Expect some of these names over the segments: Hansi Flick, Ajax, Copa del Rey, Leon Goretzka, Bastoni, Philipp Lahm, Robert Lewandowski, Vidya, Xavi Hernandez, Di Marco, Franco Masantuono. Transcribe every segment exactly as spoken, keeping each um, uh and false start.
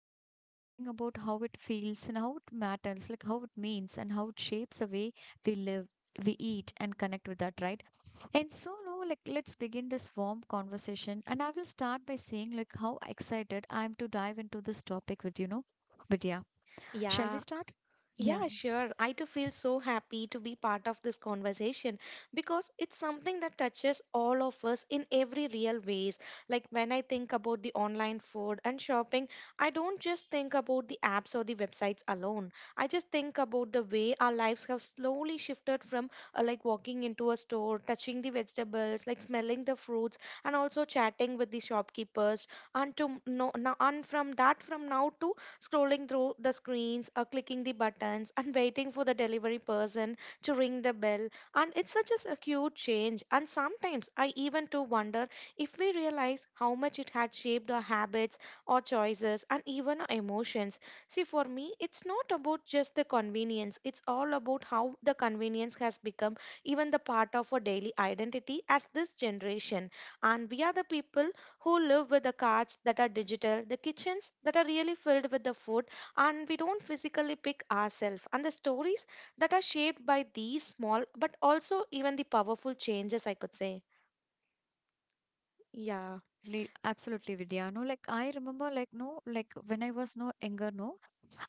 Like we'll be talking about how it feels and how it matters, like how it means and how it shapes the way we live, we eat and connect with that, right? And so now, like, let's begin this warm conversation. And I will start by saying, like, how excited I am to dive into this topic with you, know. Vidya. Shall we Yeah. start? Yeah, Yeah, sure. I too feel so happy to be part of this conversation because it's something that touches all of us in every real ways. Like when I think about the online food and shopping, I don't just think about the apps or the websites alone. I just think about the way our lives have slowly shifted from uh, like walking into a store, touching the vegetables, like smelling the fruits, and also chatting with the shopkeepers. And to no, now, and from that from now to scrolling through the screens, uh, clicking the buttons, and waiting for the delivery person to ring the bell. And it's such a acute change. And sometimes I even to wonder if we realize how much it had shaped our habits, our choices, and even our emotions. See, for me, it's not about just the convenience, it's all about how the convenience has become even the part of our daily identity as this generation. And we are the people who live with the carts that are digital, the kitchens that are really filled with the food, and we don't physically pick ourselves, and the stories that are shaped by these small but also even the powerful changes, I could say. Yeah, absolutely, absolutely, Vidya. No, like I remember, like, no, like when I was no younger, no,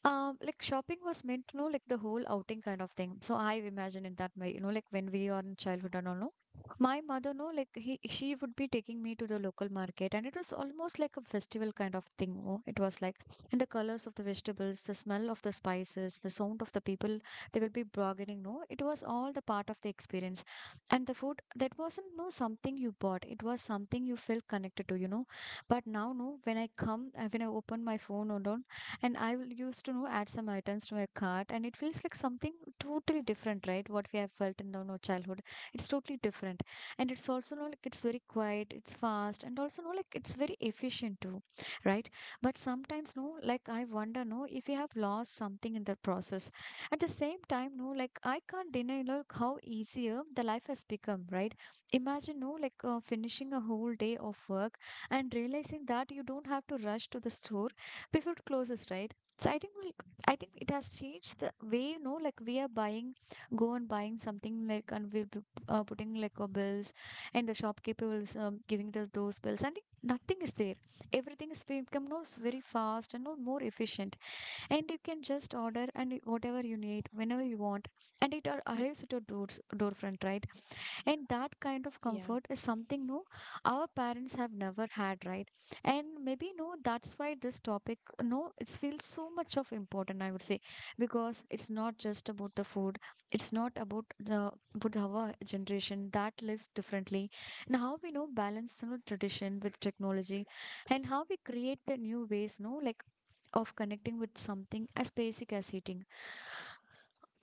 Um, like shopping was meant to know like the whole outing kind of thing. So I imagine in that way, you know, like when we are in childhood and all, no, my mother, no, like he, she would be taking me to the local market, and it was almost like a festival kind of thing. Oh, it was like, and the colors of the vegetables, the smell of the spices, the sound of the people, they will be bargaining. No, it was all the part of the experience, and the food that wasn't no something you bought. It was something you felt connected to, you know. But now, no, when I come, uh, when I open my phone or all and I will used to know add some items to my cart and it feels like something totally different, right? What we have felt in the you childhood. It's totally different. And it's also you know, like it's very quiet, it's fast and also you know, like it's very efficient too, right? But sometimes no, like I wonder no if we have lost something in the process. At the same time, no, like I can't deny like how easier the life has become, right? Imagine no like uh, finishing a whole day of work and realizing that you don't have to rush to the store before it closes, right? So I think we, I think it has changed the way you know, like we are buying, go and buying something like, and we'll be uh, putting like our bills, and the shopkeeper will um, giving us those bills. I think nothing is there. Everything is become no s- very fast and no more efficient, and you can just order and y- whatever you need whenever you want, and it ar- arrives at your doors door front, right? And that kind of yeah. comfort is something no our parents have never had, right? And maybe no that's why this topic no it feels so much of important, I would say, because it's not just about the food, it's not about the about our generation that lives differently, and how we know balance you know, tradition with technology, and how we create the new ways no like of connecting with something as basic as eating.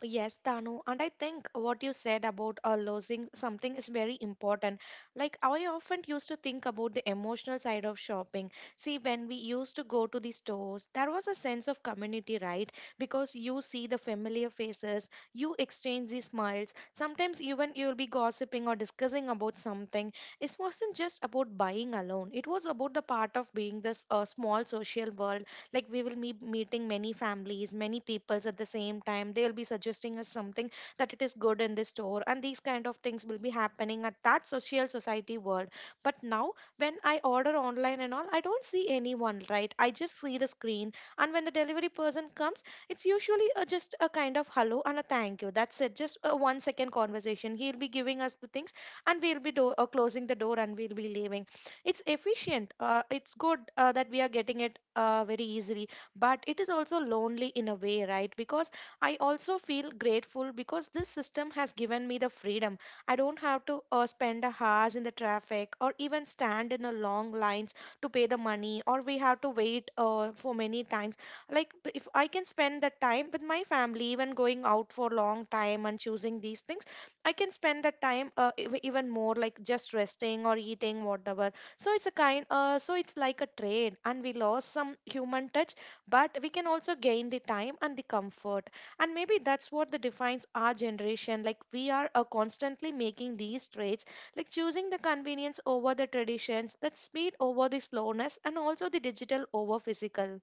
Yes, Danu, and I think what you said about uh, losing something is very important. Like, I often used to think about the emotional side of shopping. See, when we used to go to the stores, there was a sense of community, right? Because you see the familiar faces, you exchange the smiles. Sometimes even you'll be gossiping or discussing about something. It wasn't just about buying alone. It was about the part of being this uh, small social world, like we will be meeting many families, many peoples at the same time. They'll be suggesting us something that it is good in this store, and these kind of things will be happening at that social society world. But now, when I order online and all, I don't see anyone, right? I just see the screen. And when the delivery person comes, it's usually a, just a kind of hello and a thank you. That's it, just a one second conversation. He'll be giving us the things, and we'll be do- uh, closing the door and we'll be leaving. It's efficient, uh, it's good uh, that we are getting it uh, very easily, but it is also lonely in a way, right? Because I also feel grateful, because this system has given me the freedom. I don't have to uh, spend a hours in the traffic or even stand in a long lines to pay the money, or we have to wait uh, for many times. Like, b- if I can spend the time with my family, even going out for long time and choosing these things, I can spend the time uh, ev- even more, like just resting or eating whatever. So it's a kind, uh, so it's like a trade, and we lost some human touch, but we can also gain the time and the comfort. And maybe that's what the defines our generation. Like we are uh, constantly making these trades, like choosing the convenience over the traditions, that speed over the slowness, and also the digital over physical.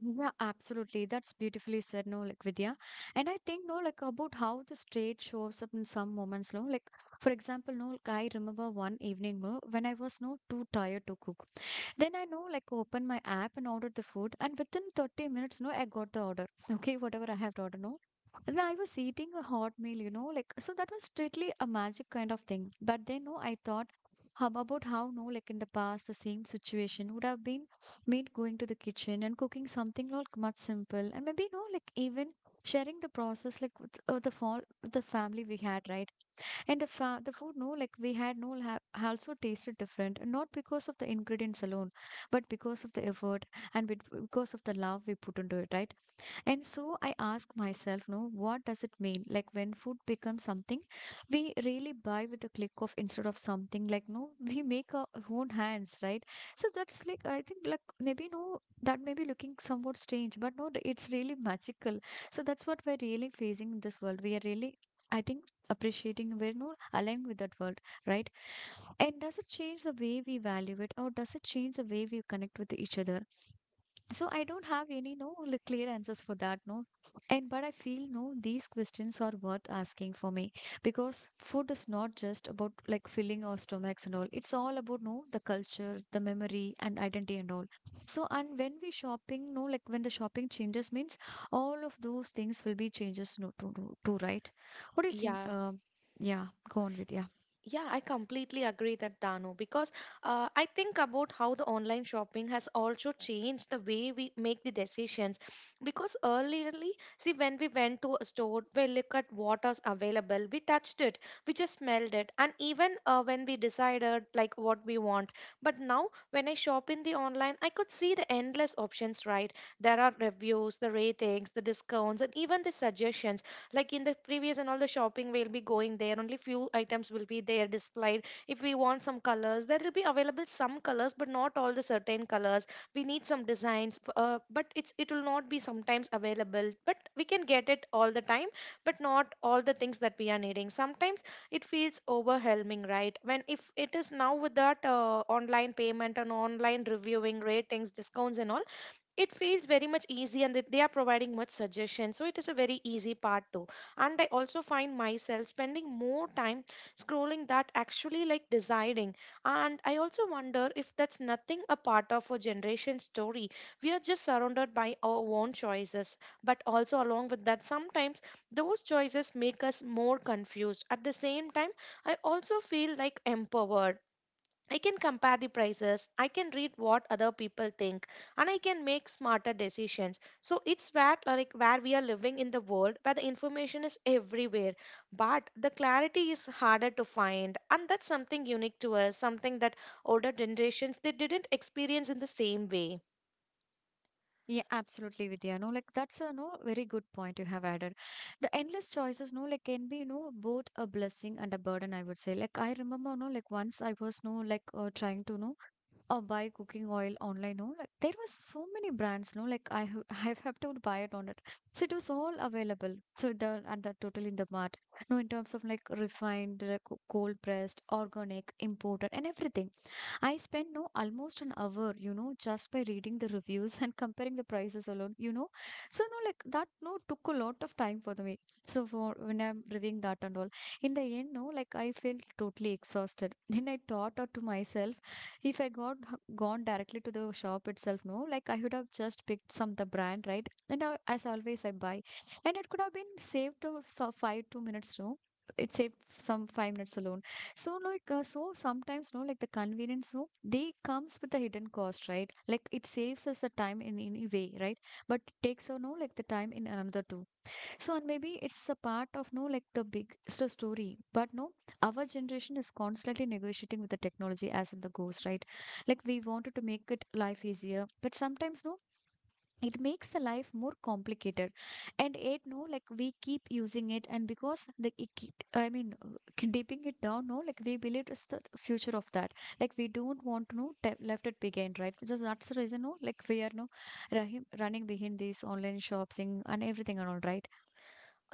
Yeah, absolutely. That's beautifully said, no, like Vidya. And I think, no, like about how the state shows up in some moments, no, like for example, no, like I remember one evening, no, when I was no too tired to cook. Then I know like open my app and ordered the food and within thirty minutes no I got the order. Okay, whatever I have to order no. And I was eating a hot meal, you know, like so that was strictly a magic kind of thing. But then no, I thought how about how no, like in the past the same situation would have been me going to the kitchen and cooking something like much simple and maybe no, like even sharing the process like with uh, the fall with the family we had, right? And the fa the food, no, like we had, no, ha also tasted different, not because of the ingredients alone, but because of the effort and bet- because of the love we put into it, right? And so I ask myself, no, what does it mean? Like when food becomes something we really buy with a click of instead of something like no, we make our own hands, right? So that's like I think like maybe no, that may be looking somewhat strange, but no, it's really magical. So that's what we're really facing in this world. We are really, I think, appreciating we're no aligned with that world, right? And does it change the way we value it or does it change the way we connect with each other? So I don't have any no like, clear answers for that no, and but I feel no these questions are worth asking for me because food is not just about like filling our stomachs and all. It's all about no the culture, the memory and identity and all. So and when we shopping no like when the shopping changes means all of those things will be changes no to to, to right. What do you see? Yeah. Uh, yeah, go on with yeah. Yeah, I completely agree that, Dano, because uh, I think about how the online shopping has also changed the way we make the decisions. Because earlier, see, when we went to a store, we look at what is available, we touched it, we just smelled it, and even uh, when we decided like what we want. But now, when I shop in the online, I could see the endless options. Right, there are reviews, the ratings, the discounts, and even the suggestions. Like in the previous and all the shopping, we'll be going there. Only few items will be there displayed. If we want some colors, there will be available some colors, but not all the certain colors. We need some designs, f- uh, but it's it will not be sometimes available, but we can get it all the time, but not all the things that we are needing. Sometimes it feels overwhelming, right? When if it is now with that uh, online payment and online reviewing, ratings, discounts and all, it feels very much easy, and they they are providing much suggestion, so it is a very easy part too. And I also find myself spending more time scrolling that actually like deciding. And I also wonder if that's nothing a part of a generation story. We are just surrounded by our own choices, but also along with that, sometimes those choices make us more confused. At the same time, I also feel like empowered. I can compare the prices, I can read what other people think, and I can make smarter decisions. So it's where, uh, like where we are living in the world where the information is everywhere, but the clarity is harder to find, and that's something unique to us, something that older generations they didn't experience in the same way. Yeah, absolutely, Vidya. No, like that's a no very good point you have added. The endless choices, no, like can be, no, both a blessing and a burden. I would say. Like I remember, no, like once I was, no, like uh, trying to, no, uh, buy cooking oil online. No, like there was so many brands. No, like I, ha- I have to buy it on it. So it was all available. So the and the total in the mart. No, in terms of like refined, like co- cold pressed, organic, imported, and everything. I spent no almost an hour, you know, just by reading the reviews and comparing the prices alone, you know. So no, like that no took a lot of time for the me. So for when I'm reviewing that and all, in the end, no, like I felt totally exhausted. Then I thought out to myself, if I got gone directly to the shop itself, no, like I would have just picked some the brand, right? And I, as always, I buy, and it could have been saved to so five two minutes, no. It saved some five minutes alone, so like uh, so sometimes no like the convenience no they comes with a hidden cost, right? Like it saves us the time in any way, right? But it takes out no like the time in another too. So and maybe it's a part of no like the big s- story, but no our generation is constantly negotiating with the technology as in the goes, right? Like we wanted to make it life easier but sometimes no it makes the life more complicated. And it no like we keep using it and because the it keep, I mean uh, dipping it down no like we believe it's the future of that. Like we don't want to know te- left it behind, right? So that's the reason no like we are no rahim, running behind these online shopping and everything and all, right?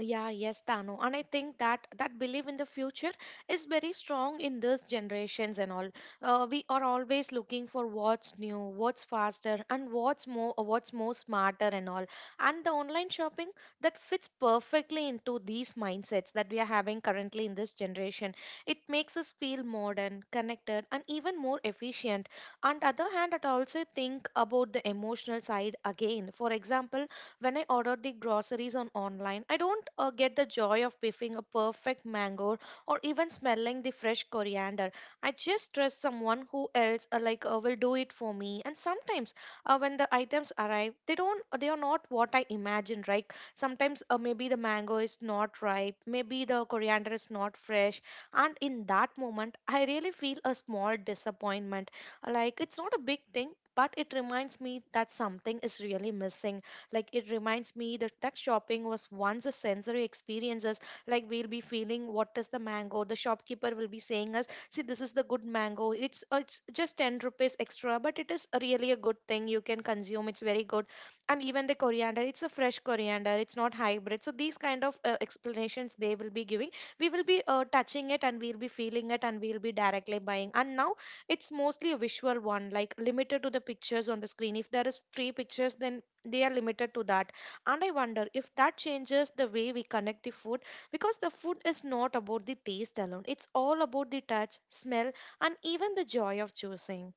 Yeah, yes, Tano. And I think that that belief in the future is very strong in these generations and all. Uh, we are always looking for what's new, what's faster, and what's more, what's more smarter and all. And the online shopping, that fits perfectly into these mindsets that we are having currently in this generation. It makes us feel modern, connected, and even more efficient. On the other hand, I also think about the emotional side again. For example, when I order the groceries on online, I don't uh, get the joy of piffing a perfect mango or even smelling the fresh coriander. I just trust someone who else uh, like uh, will do it for me. And sometimes uh, when the items arrive, they don't uh, they are not what I imagined. Right? Sometimes uh, maybe the mango is not ripe, maybe the coriander is not fresh, and in that moment, I really feel a small disappointment. Like it's not a big thing. But it reminds me that something is really missing. Like it reminds me that that shopping was once a sensory experiences. Like we'll be feeling what is the mango. The shopkeeper will be saying us, see, this is the good mango. It's uh, it's just ten rupees extra, but it is really a good thing. You can consume. It's very good. And even the coriander, it's a fresh coriander. It's not hybrid. So these kind of uh, explanations they will be giving. We will be uh, touching it, and we'll be feeling it, and we'll be directly buying. And now it's mostly a visual one, like limited to the pictures on the screen. If there is three pictures, then they are limited to that. And I wonder if that changes the way we connect the food, because the food is not about the taste alone. It's all about the touch, smell, and even the joy of choosing.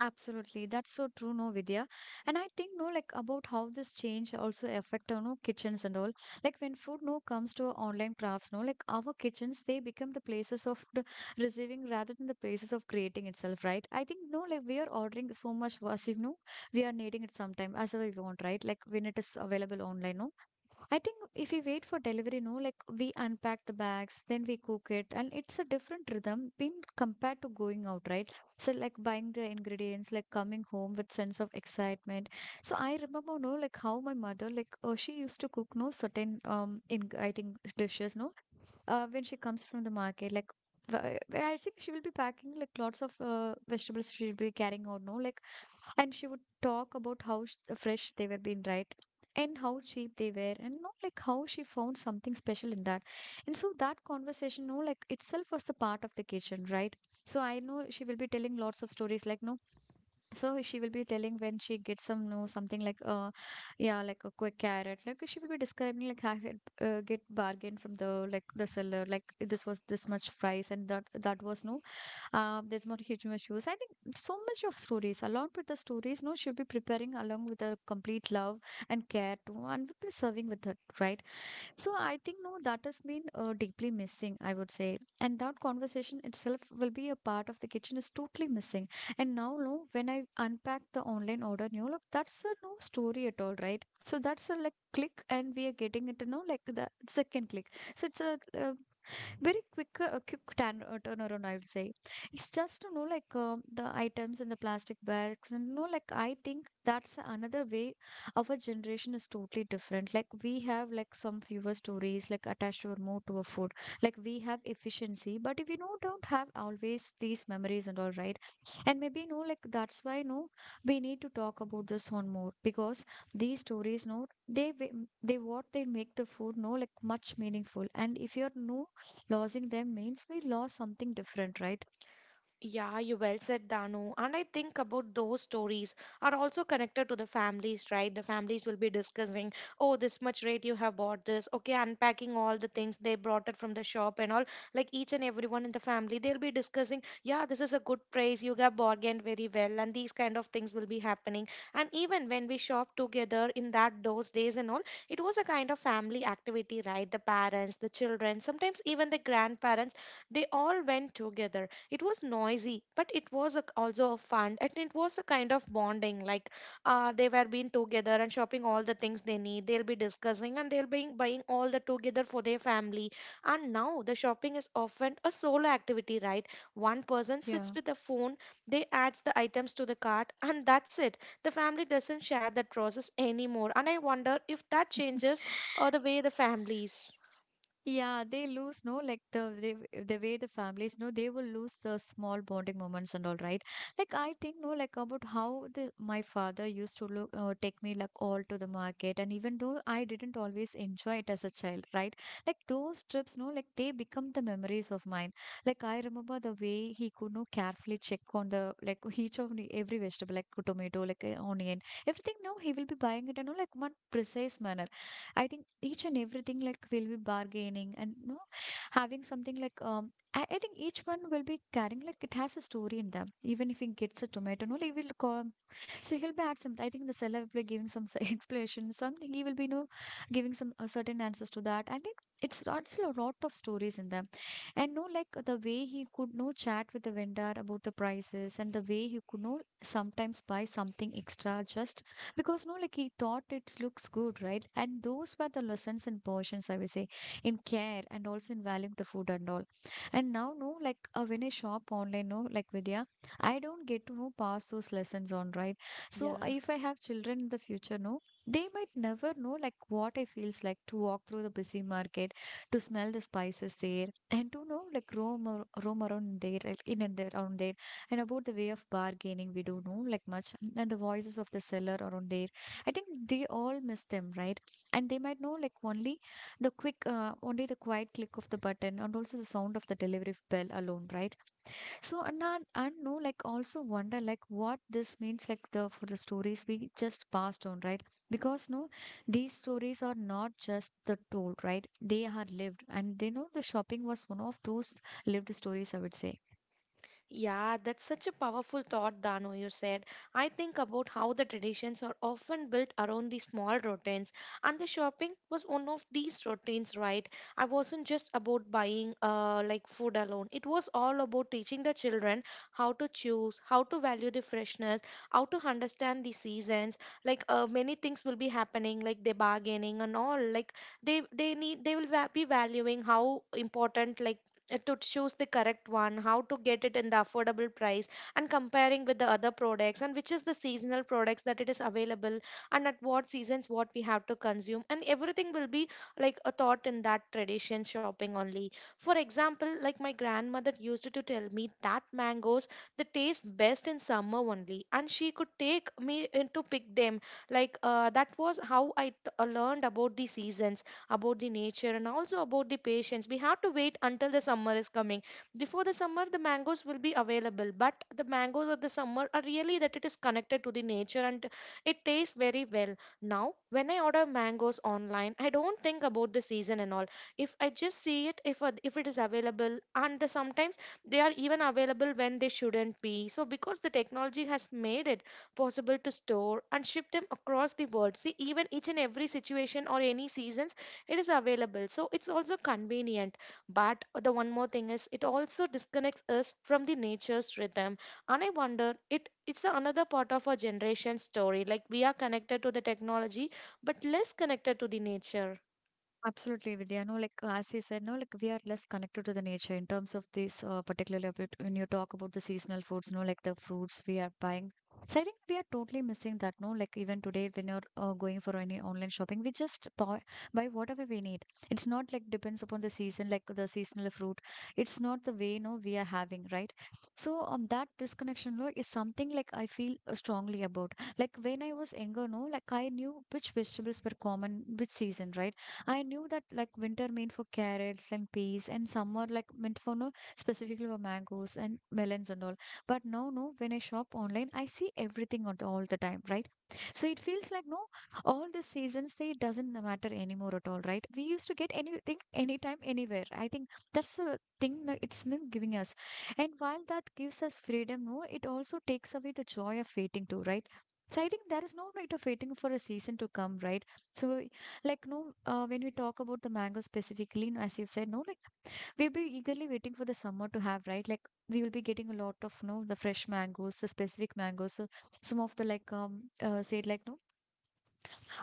Absolutely. That's so true, no, Vidya. And I think, no, like about how this change also affect our no kitchens and all. Like when food no comes to online crafts, no, like our kitchens, they become the places of the receiving rather than the places of creating itself, right? I think, no, like we are ordering so much as if no, we are needing it sometime as well we want, right? Like when it is available online, no. I think if we wait for delivery, no, like we unpack the bags, then we cook it, and it's a different rhythm being compared to going out, right? So like buying the ingredients, like coming home with sense of excitement. So I remember, no, like how my mother, like oh, she used to cook no certain um in I think dishes, no, uh, when she comes from the market, like wh- I think she will be packing like lots of uh, vegetables she'll be carrying out, no, like, and she would talk about how sh- fresh they were being, right, and how cheap they were and you know like how she found something special in that. And so that conversation, no, like itself was the part of the kitchen, right. So I know she will be telling lots of stories, like, no. So she will be telling when she gets some, no, something like uh yeah, like a quick carrot, like she will be describing, like I had uh, get bargain from the like the seller, like this was this much price, and that that was no uh, there's more huge much use, I think. So much of stories along with the stories, no, she'll be preparing along with the complete love and care too, and will be serving with her, right. So I think, no, that has been uh, deeply missing, I would say. And that conversation itself will be a part of the kitchen is totally missing. And now, no, when I unpack the online order, you know, look, that's a no story at all, right? So that's a like click, and we are getting it, you know, like the second click. So it's a, uh very quick uh, quick turn, uh, turnaround, I would say. It's just you know like um, the items in the plastic bags, and you know like I think that's another way our generation is totally different. Like we have like some fewer stories like attached or more to a food, like we have efficiency, but if you know don't have always these memories and all, right. And maybe you know like that's why you know we need to talk about this one more, because these stories, no, they wa- they what they make the food, no, like much meaningful, and if you're no losing them means we lost something different, right? Yeah, you well said, Danu. And I think about those stories are also connected to the families, right? The families will be discussing, oh, this much rate you have bought this. Okay, unpacking all the things they brought it from the shop and all. Like each and everyone in the family, they'll be discussing, yeah, this is a good price. You have bargained very well, and these kind of things will be happening. And even when we shop together in that those days and all, it was a kind of family activity, right? The parents, the children, sometimes even the grandparents, they all went together. It was noisy, but it was a, also a fun, and it was a kind of bonding. Like uh, they were being together and shopping all the things they need. They'll be discussing, and they'll be buying all the together for their family. And now the shopping is often a solo activity, right? One person sits Yeah. with a phone, they adds the items to the cart, and that's it. The family doesn't share that process anymore, and I wonder if that changes uh, the way the families. Yeah, they lose, no, like the the the way the families no they will lose the small bonding moments and all, right? Like I think, no, like about how the my father used to look uh, take me like all to the market, and even though I didn't always enjoy it as a child, right? Like those trips, no, like they become the memories of mine. Like I remember the way he could no carefully check on the like each of the- every vegetable, like tomato, like uh, onion, everything. Now he will be buying it, you know, like one precise manner. I think each and everything like will be bargaining, and you know, having something like um I, I think each one will be carrying like it has a story in them. Even if he gets a tomato, no, he will call. So he'll be at some I think the seller will be giving some s- explanation, something he will be you know, giving some uh, certain answers to that. I think it's starts a lot of stories in them. And no like the way he could no chat with the vendor about the prices, and the way he could no sometimes buy something extra just because no like he thought it looks good, right. And those were the lessons and portions, I would say, in care and also in valuing the food and all. And now no like uh, when I shop online, no like Vidya, I don't get to know pass those lessons on, right. So uh, Yeah. if I have children in the future no they might never know like what it feels like to walk through the busy market, to smell the spices there, and to know like roam, ar- roam around there, like, in and there around there, and about the way of bargaining we don't know like much, and the voices of the seller around there, I think they all miss them, right. And they might know like only the quick uh, only the quiet click of the button, and also the sound of the delivery bell alone, right. So, and I, I know like also wonder like what this means like the for the stories we just passed on, right, because no these stories are not just the told, right, they are lived, and they know the shopping was one of those lived stories, I would say. Yeah, that's such a powerful thought, Dano, you said. I think about how the traditions are often built around these small routines, and the shopping was one of these routines, right? I wasn't just about buying uh, like food alone. It was all about teaching the children how to choose, how to value the freshness, how to understand the seasons. Like uh, many things will be happening, like the bargaining and all. Like they they need they will va- be valuing how important, like, uh, to choose the correct one, how to get it in the affordable price, and comparing with the other products, and which is the seasonal products that it is available, and at what seasons what we have to consume, and everything will be like a thought in that tradition shopping only. For example, like, my grandmother used to tell me that mangoes, they taste best in summer only, and she could take me in to pick them. Like, uh, that was how i th- uh, learned about the seasons, about the nature, and also about the patience. We have to wait until the summer is coming. Before the summer, the mangoes will be available, but the mangoes of the summer are really that it is connected to the nature, and it tastes very well. Now, when I order mangoes online, I don't think about the season and all. If I just see it, if if it is available, and the, sometimes they are even available when they shouldn't be. So because the technology has made it possible to store and ship them across the world. See, even each and every situation or any seasons it is available, so it's also convenient, but the one more thing is it also disconnects us from the nature's rhythm. And I wonder, it it's another part of our generation story, like we are connected to the technology but less connected to the nature. Absolutely, Vidya. No, like uh, as you said, no, like we are less connected to the nature in terms of this, uh, particularly about when you talk about the seasonal foods, no, like the fruits we are buying. So I think we are totally missing that, no, like even today when you're uh, going for any online shopping, we just buy, buy whatever we need. It's not like depends upon the season, like the seasonal fruit. It's not the way, no, we are having, right? So um, that disconnection, no, is something like I feel uh, strongly about. Like when I was younger, no, like I knew which vegetables were common, which season, right? I knew that like winter meant for carrots and peas, and summer like meant for no specifically for mangoes and melons and all. But now no, when I shop online, I see everything on the, all the time, right? So it feels like no, all the seasons they doesn't matter anymore at all, right? We used to get anything, anytime, anywhere. I think that's the thing that it's not giving us. And while that gives us freedom, no, it also takes away the joy of waiting too, right? So I think there is no right of waiting for a season to come, right? So, like, no, uh, when we talk about the mango specifically, no, as you've said, no, like we'll be eagerly waiting for the summer to have, right? Like, we will be getting a lot of, no, the fresh mangoes, the specific mangoes. So some of the, like, um, uh, said, like, no,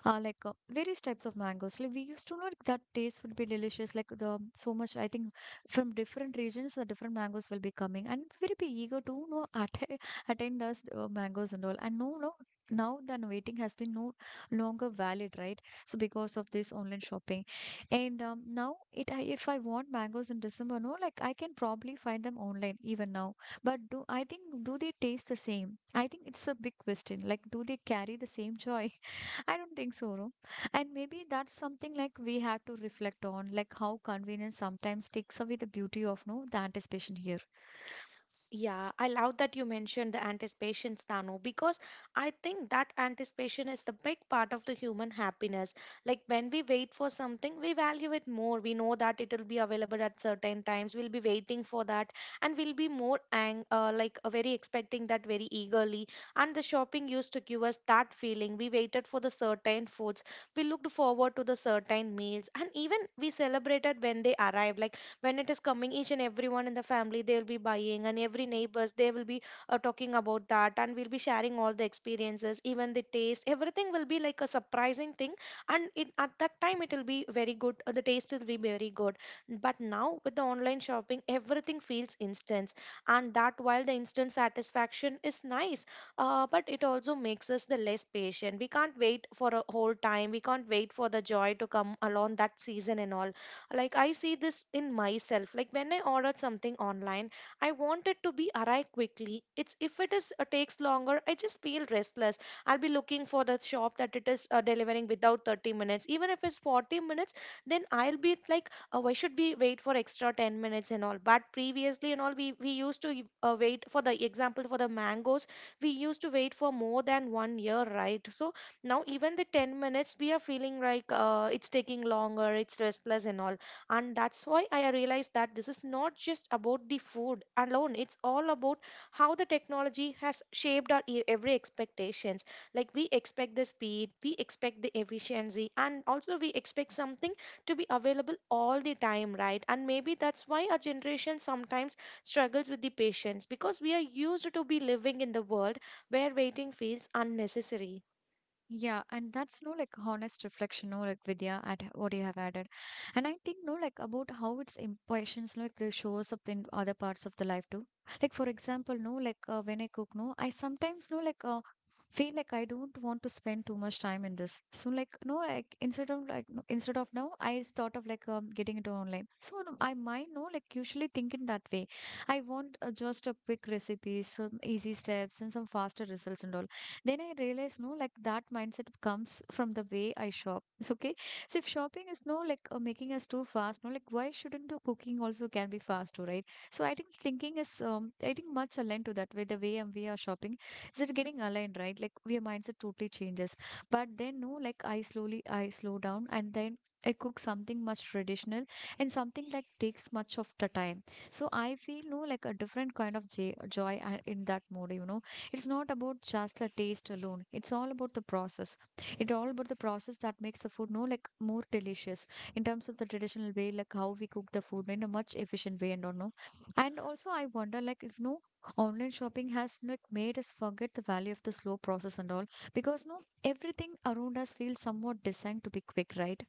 uh, like uh, various types of mangoes. Like we used to know like, that taste would be delicious. Like the um, so much, I think, from different regions, the different mangoes will be coming, and we will be eager to know atta- attain those uh, mangoes and all. And no, no, now the waiting has been no longer valid, right? So because of this online shopping, and um, now it I, if I want mangoes in December, no, like I can probably find them online even now. But do I think do they taste the same? I think it's a big question. Like, do they carry the same joy? I don't think so, no. And maybe that's something like we have to reflect on, like how convenience sometimes takes away the beauty of no the anticipation here. Yeah, I love that you mentioned the anticipation, Stanu, because I think that anticipation is the big part of the human happiness. Like when we wait for something, we value it more. We know that it will be available at certain times. We'll be waiting for that, and we'll be more ang uh, like, uh, very expecting that very eagerly. And the shopping used to give us that feeling. We waited for the certain foods. We looked forward to the certain meals, and even we celebrated when they arrived. Like when it is coming, each and everyone in the family, they'll be buying, and every neighbors, they will be uh, talking about that, and we'll be sharing all the experiences, even the taste, everything will be like a surprising thing. And it, at that time, it will be very good, uh, the taste will be very good. But now with the online shopping, everything feels instant, and that while the instant satisfaction is nice, uh, but it also makes us the less patient. We can't wait for a whole time, we can't wait for the joy to come along that season and all. Like, I see this in myself. Like when I ordered something online, I want it to be arrive quickly. It's, if it is uh, takes longer, I just feel restless. I'll be looking for the shop that it is uh, delivering without thirty minutes, even if it's forty minutes, then I'll be like, oh, why should we wait for extra ten minutes and all? But previously and all, we we used to uh, wait for, the example, for the mangoes, we used to wait for more than one year, right? So now even the ten minutes, we are feeling like, uh, it's taking longer, it's restless and all. And that's why I realized that this is not just about the food alone, it's all about how the technology has shaped our e- every expectations. Like, we expect the speed, we expect the efficiency, and also we expect something to be available all the time, right? And maybe that's why our generation sometimes struggles with the patience, because we are used to be living in the world where waiting feels unnecessary. Yeah, and that's no like honest reflection, no like Vidya at h- what you have added, and I think no like about how its impressions like they shows up in other parts of the life too. Like for example, no like uh, when I cook, no, I sometimes no like uh, feel like I don't want to spend too much time in this. So like no like instead of like no, instead of now I thought of like um, getting it online. So no, I might no like usually thinking that way. I want uh, just a quick recipe, some easy steps, and some faster results and all. Then I realize no like that mindset comes from the way I shop. It's okay. So if shopping is no like uh, making us too fast, no like why shouldn't the cooking also can be fast too, right? So I think thinking is um, I think much aligned to that way, the way um, we are shopping, is it getting aligned, right, like your mindset totally changes. But then no like i slowly I slow down, and then I cook something much traditional, and something like takes much of the time. So I feel no like a different kind of j- joy uh, in that mode, you know. It's not about just the taste alone. It's all about the process. It's all about the process that makes the food no like more delicious in terms of the traditional way, like how we cook the food in a much efficient way and all no. And also I wonder like if no online shopping has not made us forget the value of the slow process and all, because no everything around us feels somewhat designed to be quick, right?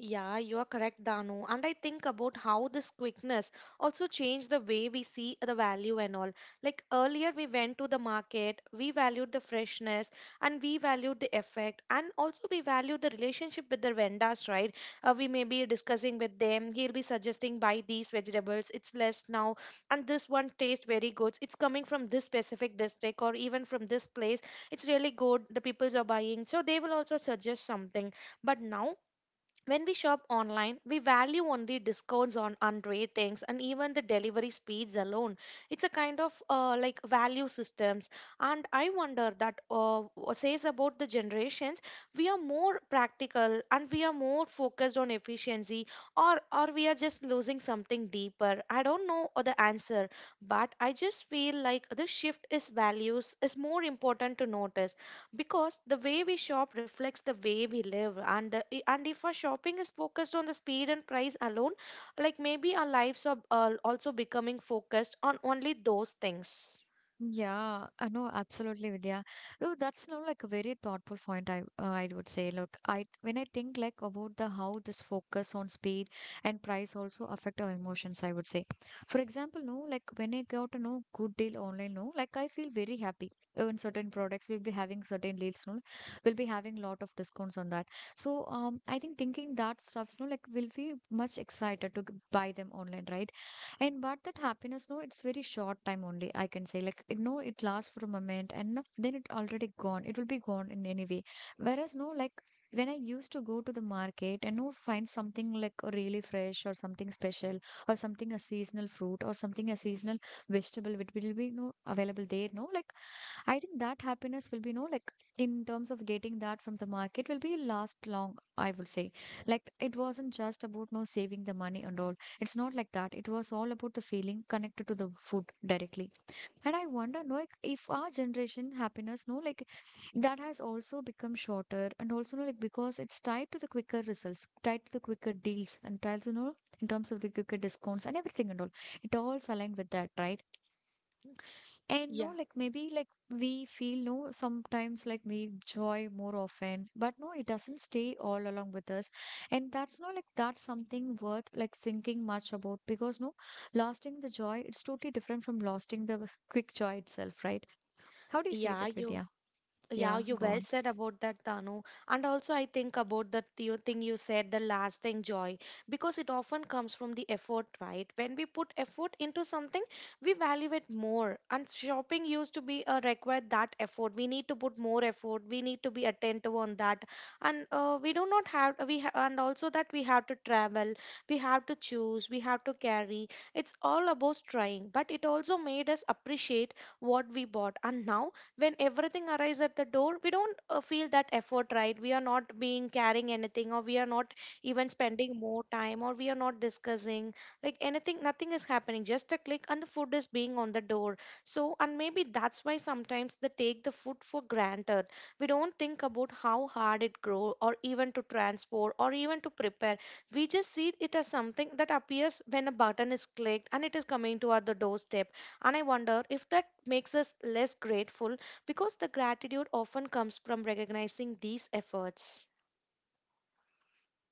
Yeah, you are correct, Danu. And I think about how this quickness also changed the way we see the value and all. Like earlier, we went to the market, we valued the freshness, and we valued the effect, and also we valued the relationship with the vendors, right? Uh, we may be discussing with them, he'll be suggesting buy these vegetables, it's less now, and this one tastes very good. It's coming from this specific district or even from this place, it's really good. The peoples are buying, so they will also suggest something. But now, when we shop online, we value only discounts on unread things and even the delivery speeds alone. It's a kind of, uh, like, value systems. And I wonder that, uh, what says about the generations. We are more practical and we are more focused on efficiency, or or we are just losing something deeper. I don't know the answer, but I just feel like the shift is values is more important to notice, because the way we shop reflects the way we live. And the, i- and if our shopping is focused on the speed and price alone, like, maybe our lives are uh, also becoming focused on only those things. Yeah, I know absolutely, Vidya. No, that's not like a very thoughtful point. I uh, I would say, look, I when I think like about the how this focus on speed and price also affect our emotions. I would say, for example, no, like when I got a no good deal online, no, like I feel very happy. Uh, In certain products, we'll be having certain deals, no, we'll be having lot of discounts on that. So, um, I think thinking that stuffs, no, like we'll feel much excited to g- buy them online, right? And but that happiness, no, it's very short time only, I can say. Like it, no, it lasts for a moment and no- then it already gone, it will be gone in any way. Whereas, no, like when I used to go to the market and no find something like really fresh or something special or something a seasonal fruit or something a seasonal vegetable which will be no available there, no, like I think that happiness will be, no, like in terms of getting that from the market will be last long, I would say. Like it wasn't just about no saving the money and all. It's not like that. It was all about the feeling connected to the food directly. And I wonder, no, like, if our generation happiness, no, like that has also become shorter and also, no, like because it's tied to the quicker results, tied to the quicker deals and tied to, no, in terms of the quicker discounts and everything and all. It all's aligned with that, right? And, no, Yeah. like maybe like we feel no sometimes like we joy more often, but no, it doesn't stay all along with us. And that's, no, like that's something worth like thinking much about because, no, lasting the joy, it's totally different from lasting the quick joy itself, right? How do you say yeah that, you Vidya? Yeah, Yeah, you go well on. said about that, Tanu. And also, I think about that you thing you said, the lasting joy, because it often comes from the effort, right? When we put effort into something, we value it more. And shopping used to be, uh, required that effort. We need to put more effort. We need to be attentive on that. And uh, we do not have we ha- and also that we have to travel. We have to choose. We have to carry. It's all about trying. But it also made us appreciate what we bought. And now when everything arrives at the door, we don't uh, feel that effort, right? We are not being carrying anything, or we are not even spending more time, or we are not discussing like anything. Nothing is happening, just a click and the food is being on the door. So, and maybe that's why sometimes they take the food for granted. We don't think about how hard it grow, or even to transport, or even to prepare. We just see it as something that appears when a button is clicked and it is coming to our the doorstep. And I wonder if that makes us less grateful, because the gratitude often comes from recognizing these efforts.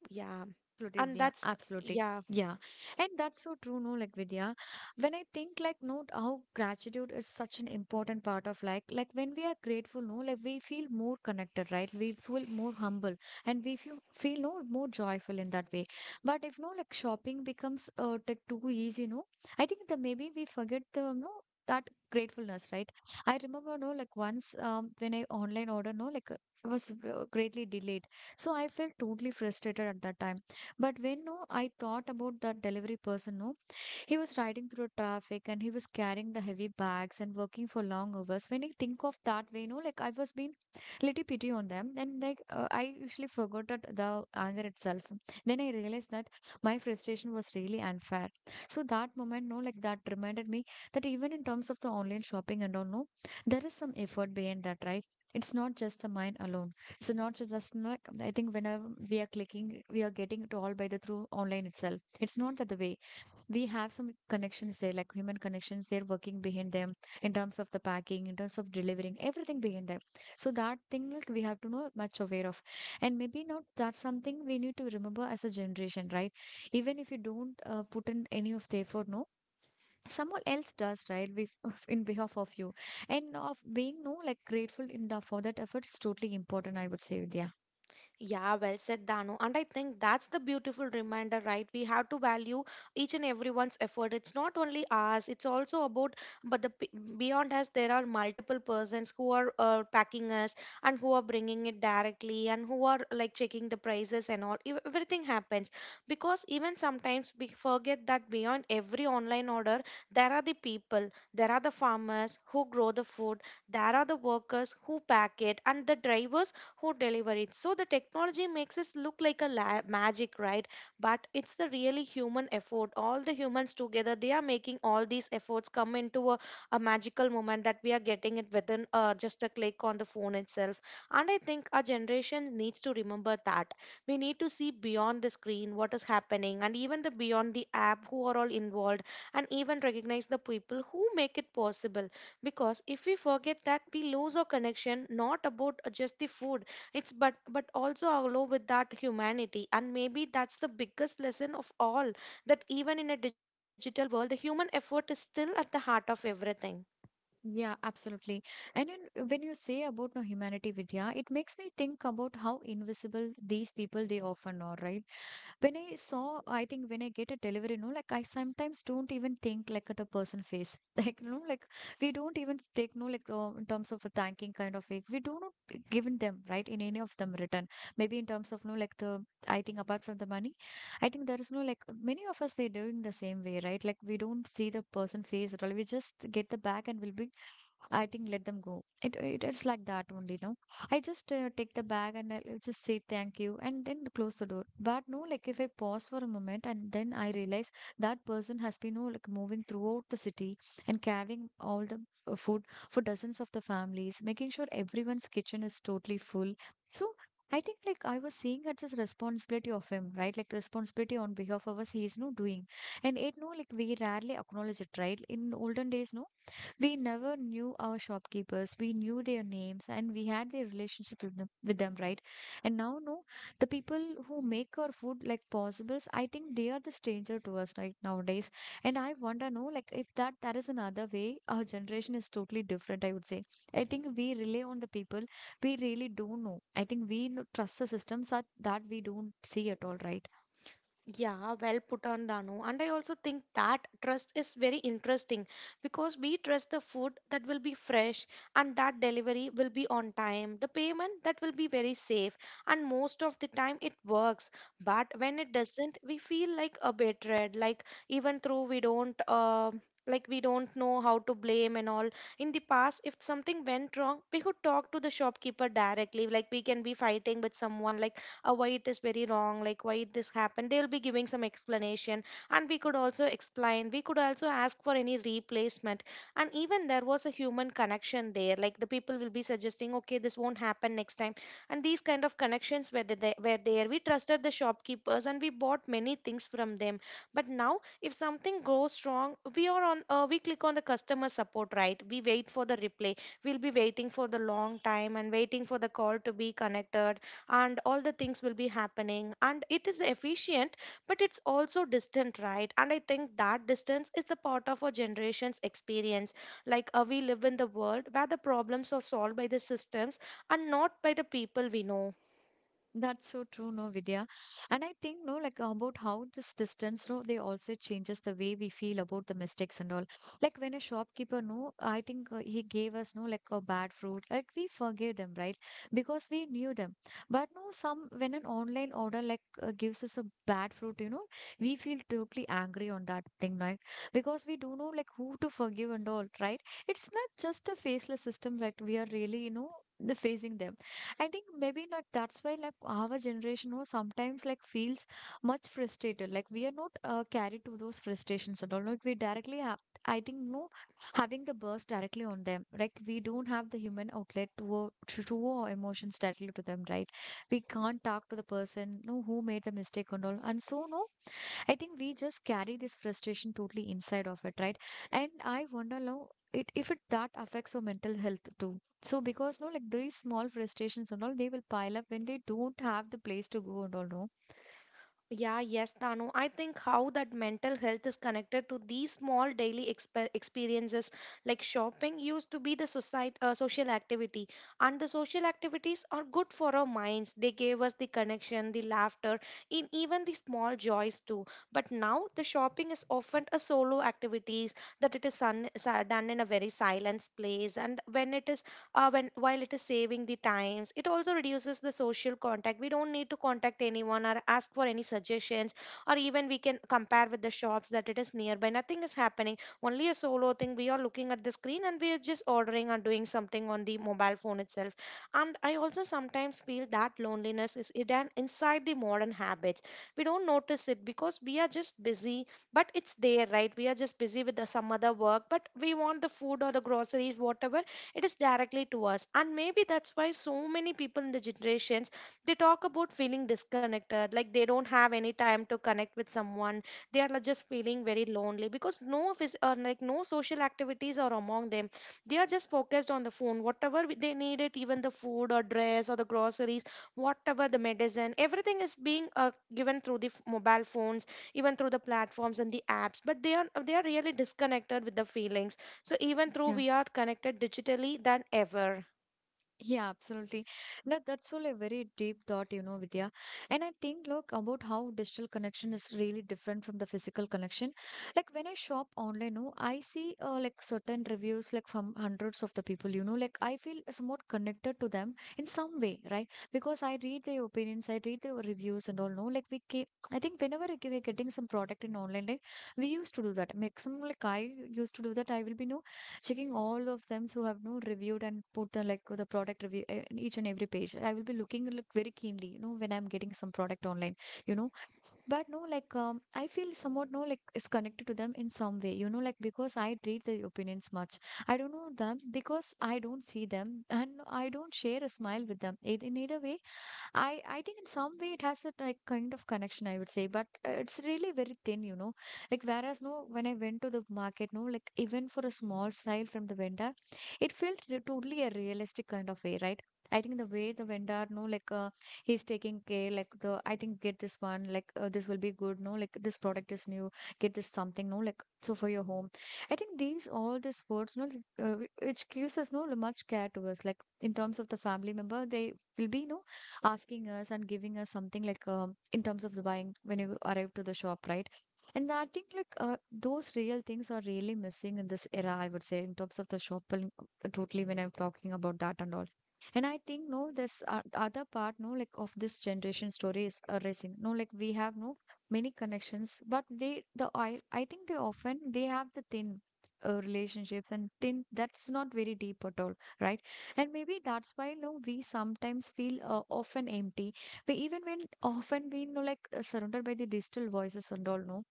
Yeah. Absolutely, and Vidya. that's Absolutely. yeah Yeah. And that's so true, no, like Vidya. When I think like note how gratitude is such an important part of like like when we are grateful, no, like we feel more connected, right? We feel more humble and we feel feel no more joyful in that way. But if no like shopping becomes uh like too easy, no, I think that maybe we forget the no that gratefulness, right? I remember no like once um when I online order no like uh, was uh, greatly delayed. So I felt totally frustrated at that time, but when no, I thought about that delivery person, no, he was riding through traffic and he was carrying the heavy bags and working for long hours. When I think of that way, you know, like I was being little pity on them. Then like uh, I usually forgot that the anger itself. Then I realized that my frustration was really unfair. So that moment, no, like that reminded me that even in terms of the online shopping and all, no, there is some effort behind that, right? It's not just the mind alone. It's not ju- just like I think whenever we are clicking, we are getting it all by the through online itself. It's not that the way we have some connections there, like human connections. They're working behind them in terms of the packing, in terms of delivering, everything behind them. So that thing, like we have to know much aware of, and maybe not. That's something we need to remember as a generation, right? Even if you don't uh, put in any of the effort, no. Someone else does, right? We, in behalf of you, and of being no like grateful in the for that effort is totally important. I would say, Vidya. Yeah, well said, Dano. And I think that's the beautiful reminder, right? We have to value each and everyone's effort. It's not only us, it's also about, but the p- beyond us, there are multiple persons who are uh, packing us, and who are bringing it directly, and who are like checking the prices and all. Ev- Everything happens, because even sometimes we forget that beyond every online order, there are the people, there are the farmers who grow the food, there are the workers who pack it, and the drivers who deliver it. So the technology makes us look like a la- magic, right? But it's the really human effort. All the humans together, they are making all these efforts come into a, a magical moment that we are getting it within, uh, just a click on the phone itself. And I think our generation needs to remember that we need to see beyond the screen what is happening, and even the beyond the app who are all involved, and even recognize the people who make it possible. Because if we forget that, we lose our connection, not about uh, just the food, it's, but but also, along with that, humanity. And maybe that's the biggest lesson of all, that even in a digital world, the human effort is still at the heart of everything. Yeah, absolutely. And then uh, when you say about no humanity, Vidya, it makes me think about how invisible these people they often are, right? When I saw, I think when I get a delivery, no, like I sometimes don't even think like at a person face, like you know, like we don't even take no like uh, in terms of a thanking kind of way. We don't given them right in any of them return. Maybe in terms of no like the I think apart from the money, I think there is no like many of us they're doing the same way, right? Like we don't see the person face at all. We just get the bag and we'll be I think let them go. It it is like that only, no? I just uh, take the bag and I'll just say thank you and then close the door. But no, like if I pause for a moment and then I realize that person has been, no, like moving throughout the city and carrying all the uh, food for dozens of the families, making sure everyone's kitchen is totally full. So I think like I was seeing it's his responsibility of him, right? Like responsibility on behalf of us, he is no doing. And it no, like we rarely acknowledge it, right? In olden days, no, we never knew our shopkeepers, we knew their names and we had their relationship with them, with them, right? And now no the people who make our food like possibles, I think they are the stranger to us, right, nowadays. And I wonder, no, like if that that is another way our generation is totally different, I would say. I think we rely on the people we really don't know. I think we no- trust the systems that, that we don't see at all, right? Yeah, well put on Danu. And I also think that trust is very interesting, because we trust the food that will be fresh, and that delivery will be on time, the payment that will be very safe, and most of the time it works. But when it doesn't, we feel like a betrayed, like even though we don't uh, like, we don't know how to blame and all. In the past, if something went wrong, we could talk to the shopkeeper directly, like we can be fighting with someone, like, uh, why it is very wrong, like why this happened, they'll be giving some explanation. And we could also explain, we could also ask for any replacement. And even there was a human connection there, like the people will be suggesting, okay, this won't happen next time. And these kind of connections were the- there, were there. We trusted the shopkeepers, and we bought many things from them. But now if something goes wrong, we are on, uh, we click on the customer support, right? We wait for the reply. We'll be waiting for the long time and waiting for the call to be connected, and all the things will be happening, and it is efficient, but it's also distant, right? And I think that distance is the part of our generation's experience. Like, uh, we live in the world where the problems are solved by the systems and not by the people we know. That's so true, no, Vidya. And I think, no, like about how this distance, no, they also changes the way we feel about the mistakes and all. Like when a shopkeeper, no, I think uh, he gave us, no, like a bad fruit. Like we forgave them, right? Because we knew them. But no, some when an online order like uh, gives us a bad fruit, you know, we feel totally angry on that thing, right? Because we don't know like who to forgive and all, right? It's not just a faceless system that we are really, you know, the facing them. I think maybe like that's why like our generation who sometimes like feels much frustrated. Like we are not uh, carried to those frustrations at all. Like we directly have, I think, no, having the burst directly on them. Like we don't have the human outlet to uh, to, to our emotions directly to them, right? We can't talk to the person, no, who made the mistake and all. And so no, I think we just carry this frustration totally inside of it, right? And I wonder now it if it that affects our mental health too. So because no, like these small frustrations and all, they will pile up when they don't have the place to go and all, no? Yeah, yes, Tanu. I think how that mental health is connected to these small daily expe- experiences like shopping used to be the society, uh, social activity, and the social activities are good for our minds. They gave us the connection, the laughter, in even the small joys too. But now the shopping is often a solo activities that it is un- sa- done in a very silent place, and when it is uh, when while it is saving the times it also reduces the social contact. We don't need to contact anyone or ask for any suggestions or even we can compare with the shops that it is nearby. Nothing is happening, only a solo thing. We are looking at the screen and we are just ordering or doing something on the mobile phone itself. And I also sometimes feel that loneliness is hidden inside the modern habits. We don't notice it because we are just busy, but it's there, right? We are just busy with the, some other work, but we want the food or the groceries, whatever it is, directly to us. And maybe that's why so many people in the generations, they talk about feeling disconnected, like they don't have any time to connect with someone. They are like, just feeling very lonely because no phys- or like no social activities are among them. They are just focused on the phone, whatever we- they need it, even the food or dress or the groceries, whatever the medicine. Everything is being uh, given through the f- mobile phones, even through the platforms and the apps. But they are, they are really disconnected with the feelings, so even though Yeah. we are connected digitally than ever. Yeah, absolutely. Look, that's all a very deep thought, you know, Vidya. And I think, look, about how digital connection is really different from the physical connection. Like when I shop online, no, I see uh, like certain reviews, like from hundreds of the people, you know, like I feel somewhat connected to them in some way, right? Because I read their opinions, I read their reviews and all, no, like we keep, I think whenever we're getting some product in online, like we used to do that. Maximum, like I used to do that, I will be, no, checking all of them who have no reviewed and put the like the product review eh, in each and every page. I will be looking like very keenly, you know, when I'm getting some product online, you know. But no, like um, I feel somewhat no like is connected to them in some way, you know, like because I read their opinions much. I don't know them because I don't see them and I don't share a smile with them. Ei- In either way, I I think in some way it has a like kind of connection, I would say, but uh, it's really very thin, you know. Like whereas no, when I went to the market, no, like even for a small style from the vendor, it felt re- totally a realistic kind of way, right? I think the way the vendor, no, like uh, he's taking care, like the I think get this one, like uh, this will be good, no, like this product is new, get this something, no, like so for your home. I think these all these words, no, like, uh, whi- which gives us no much care to us, like in terms of the family member, they will be no asking us and giving us something like um, in terms of the buying when you arrive to the shop, right? And I think like uh, those real things are really missing in this era, I would say, in terms of the shopping, uh, totally when I'm talking about that and all. And I think no, this uh, other part, no, like of this generation story is uh, racing. No, like we have no many connections, but they the I I think they often they have the thin uh, relationships and thin that's not very deep at all, right? And maybe that's why, you know we sometimes feel, uh, often empty. We even when often we, you know like uh, surrounded by the digital voices and all, no.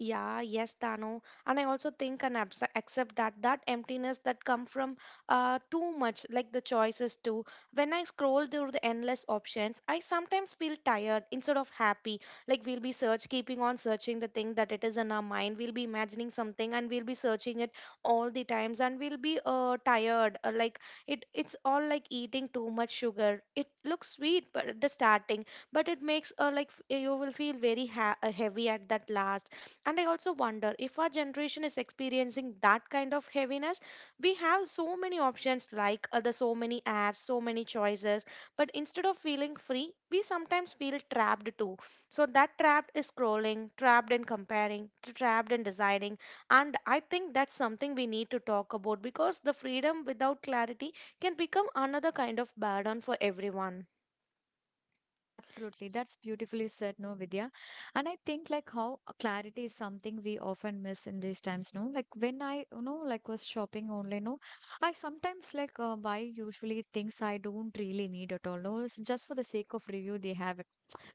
Yeah, yes, Dano. And I also think and abs- accept that that emptiness that come from uh, too much, like the choices too. When I scroll through the endless options, I sometimes feel tired instead of happy. Like we'll be search, keeping on searching the thing that it is in our mind. We'll be imagining something and we'll be searching it all the times, and we'll be uh, tired. Uh, like it, it's all like eating too much sugar. It looks sweet, but at the starting, but it makes uh, like f- you will feel very ha- uh, heavy at that last. And I also wonder if our generation is experiencing that kind of heaviness. We have so many options, like other so many apps, so many choices, but instead of feeling free, we sometimes feel trapped too. So that trapped is scrolling, trapped in comparing, trapped in deciding. And I think that's something we need to talk about because the freedom without clarity can become another kind of burden for everyone. Absolutely, that's beautifully said, no, Vidya. And I think like how clarity is something we often miss in these times, no, like when I, you know like was shopping online, no, I sometimes like, uh, buy usually things I don't really need at all, no. It's just for the sake of review they have.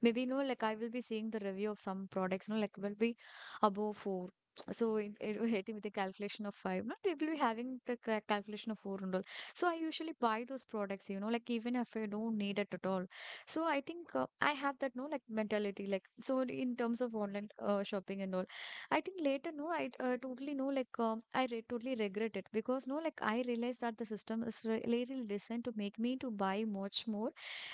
Maybe, you know, like I will be seeing the review of some products, you know, like will be above four. So it, it will hit me with a calculation of five. Not they will be having the ca- calculation of four and all. So I usually buy those products, you know, like even if I don't need it at all. So I think, uh, I have that, no, like mentality, like so in terms of online, uh, shopping and all. I think later, no, I, uh, totally know, like, um, I re totally regret it because, no, like, I realized that the system is re- really designed to make me to buy much more,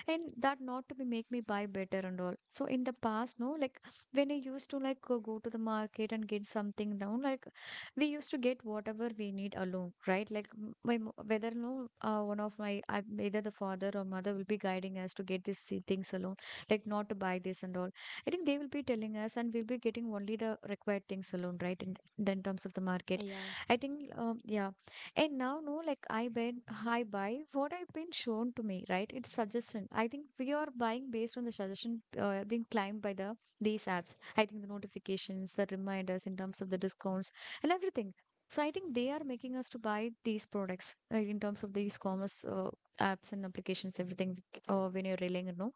and that not to be make me buy better and all. So in the past, no, like when I used to like go go to the market and get something down, like we used to get whatever we need alone, right, like m- my mo- whether, no, uh, one of my I, either the father or mother will be guiding us to get these thi- things alone, like not to buy this and all. I think they will be telling us and we'll be getting only the required things alone, right, in, th- in terms of the market. Yeah. I think, um, yeah. And now, no, like I buy, I buy what I've been shown to me, right? It's suggestion. I think we are buying based on the suggestion, uh, being climbed by the these apps. I think the notifications, the reminders in terms of the discounts and everything. So I think they are making us to buy these products, uh, in terms of these commerce, uh, apps and applications, everything, uh, when you're relying on. No?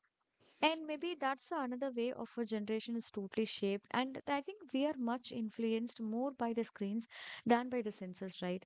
And maybe that's the another way of a generation is totally shaped. And I think we are much influenced more by the screens than by the sensors, right?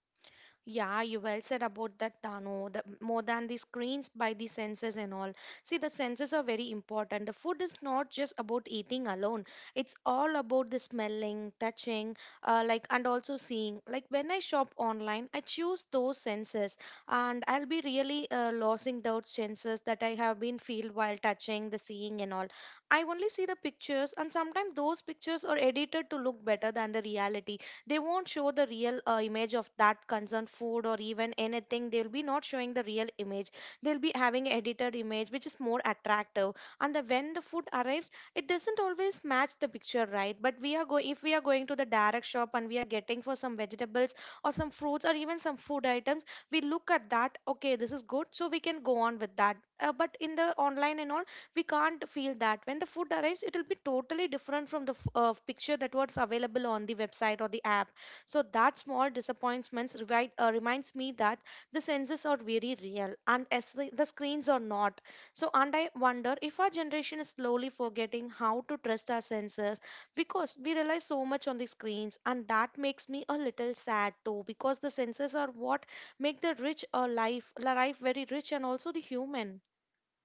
Yeah, you well said about that, Dano. The, more than the screens by the senses and all. See, the senses are very important. The food is not just about eating alone. It's all about the smelling, touching, uh, like and also seeing. Like when I shop online, I choose those senses, and I'll be really uh, losing those senses that I have been feel while touching the seeing and all. I only see the pictures, and sometimes those pictures are edited to look better than the reality. They won't show the real uh, image of that concerned food or even anything. They'll be not showing the real image. They'll be having edited image which is more attractive. And the, when the food arrives it doesn't always match the picture, right? But we are going, if we are going to the direct shop and we are getting for some vegetables or some fruits or even some food items, we look at that, okay, this is good, so we can go on with that. Uh, but in the online and all, we can't feel that. When the food arrives it will be totally different from the f- uh, picture that was available on the website or the app. So that small disappointments revi- uh, reminds me that the senses are very real, and as the, the screens are not. So, and I wonder if our generation is slowly forgetting how to trust our senses because we rely so much on the screens. And that makes me a little sad too, because the senses are what make the rich a life life very rich and also the human.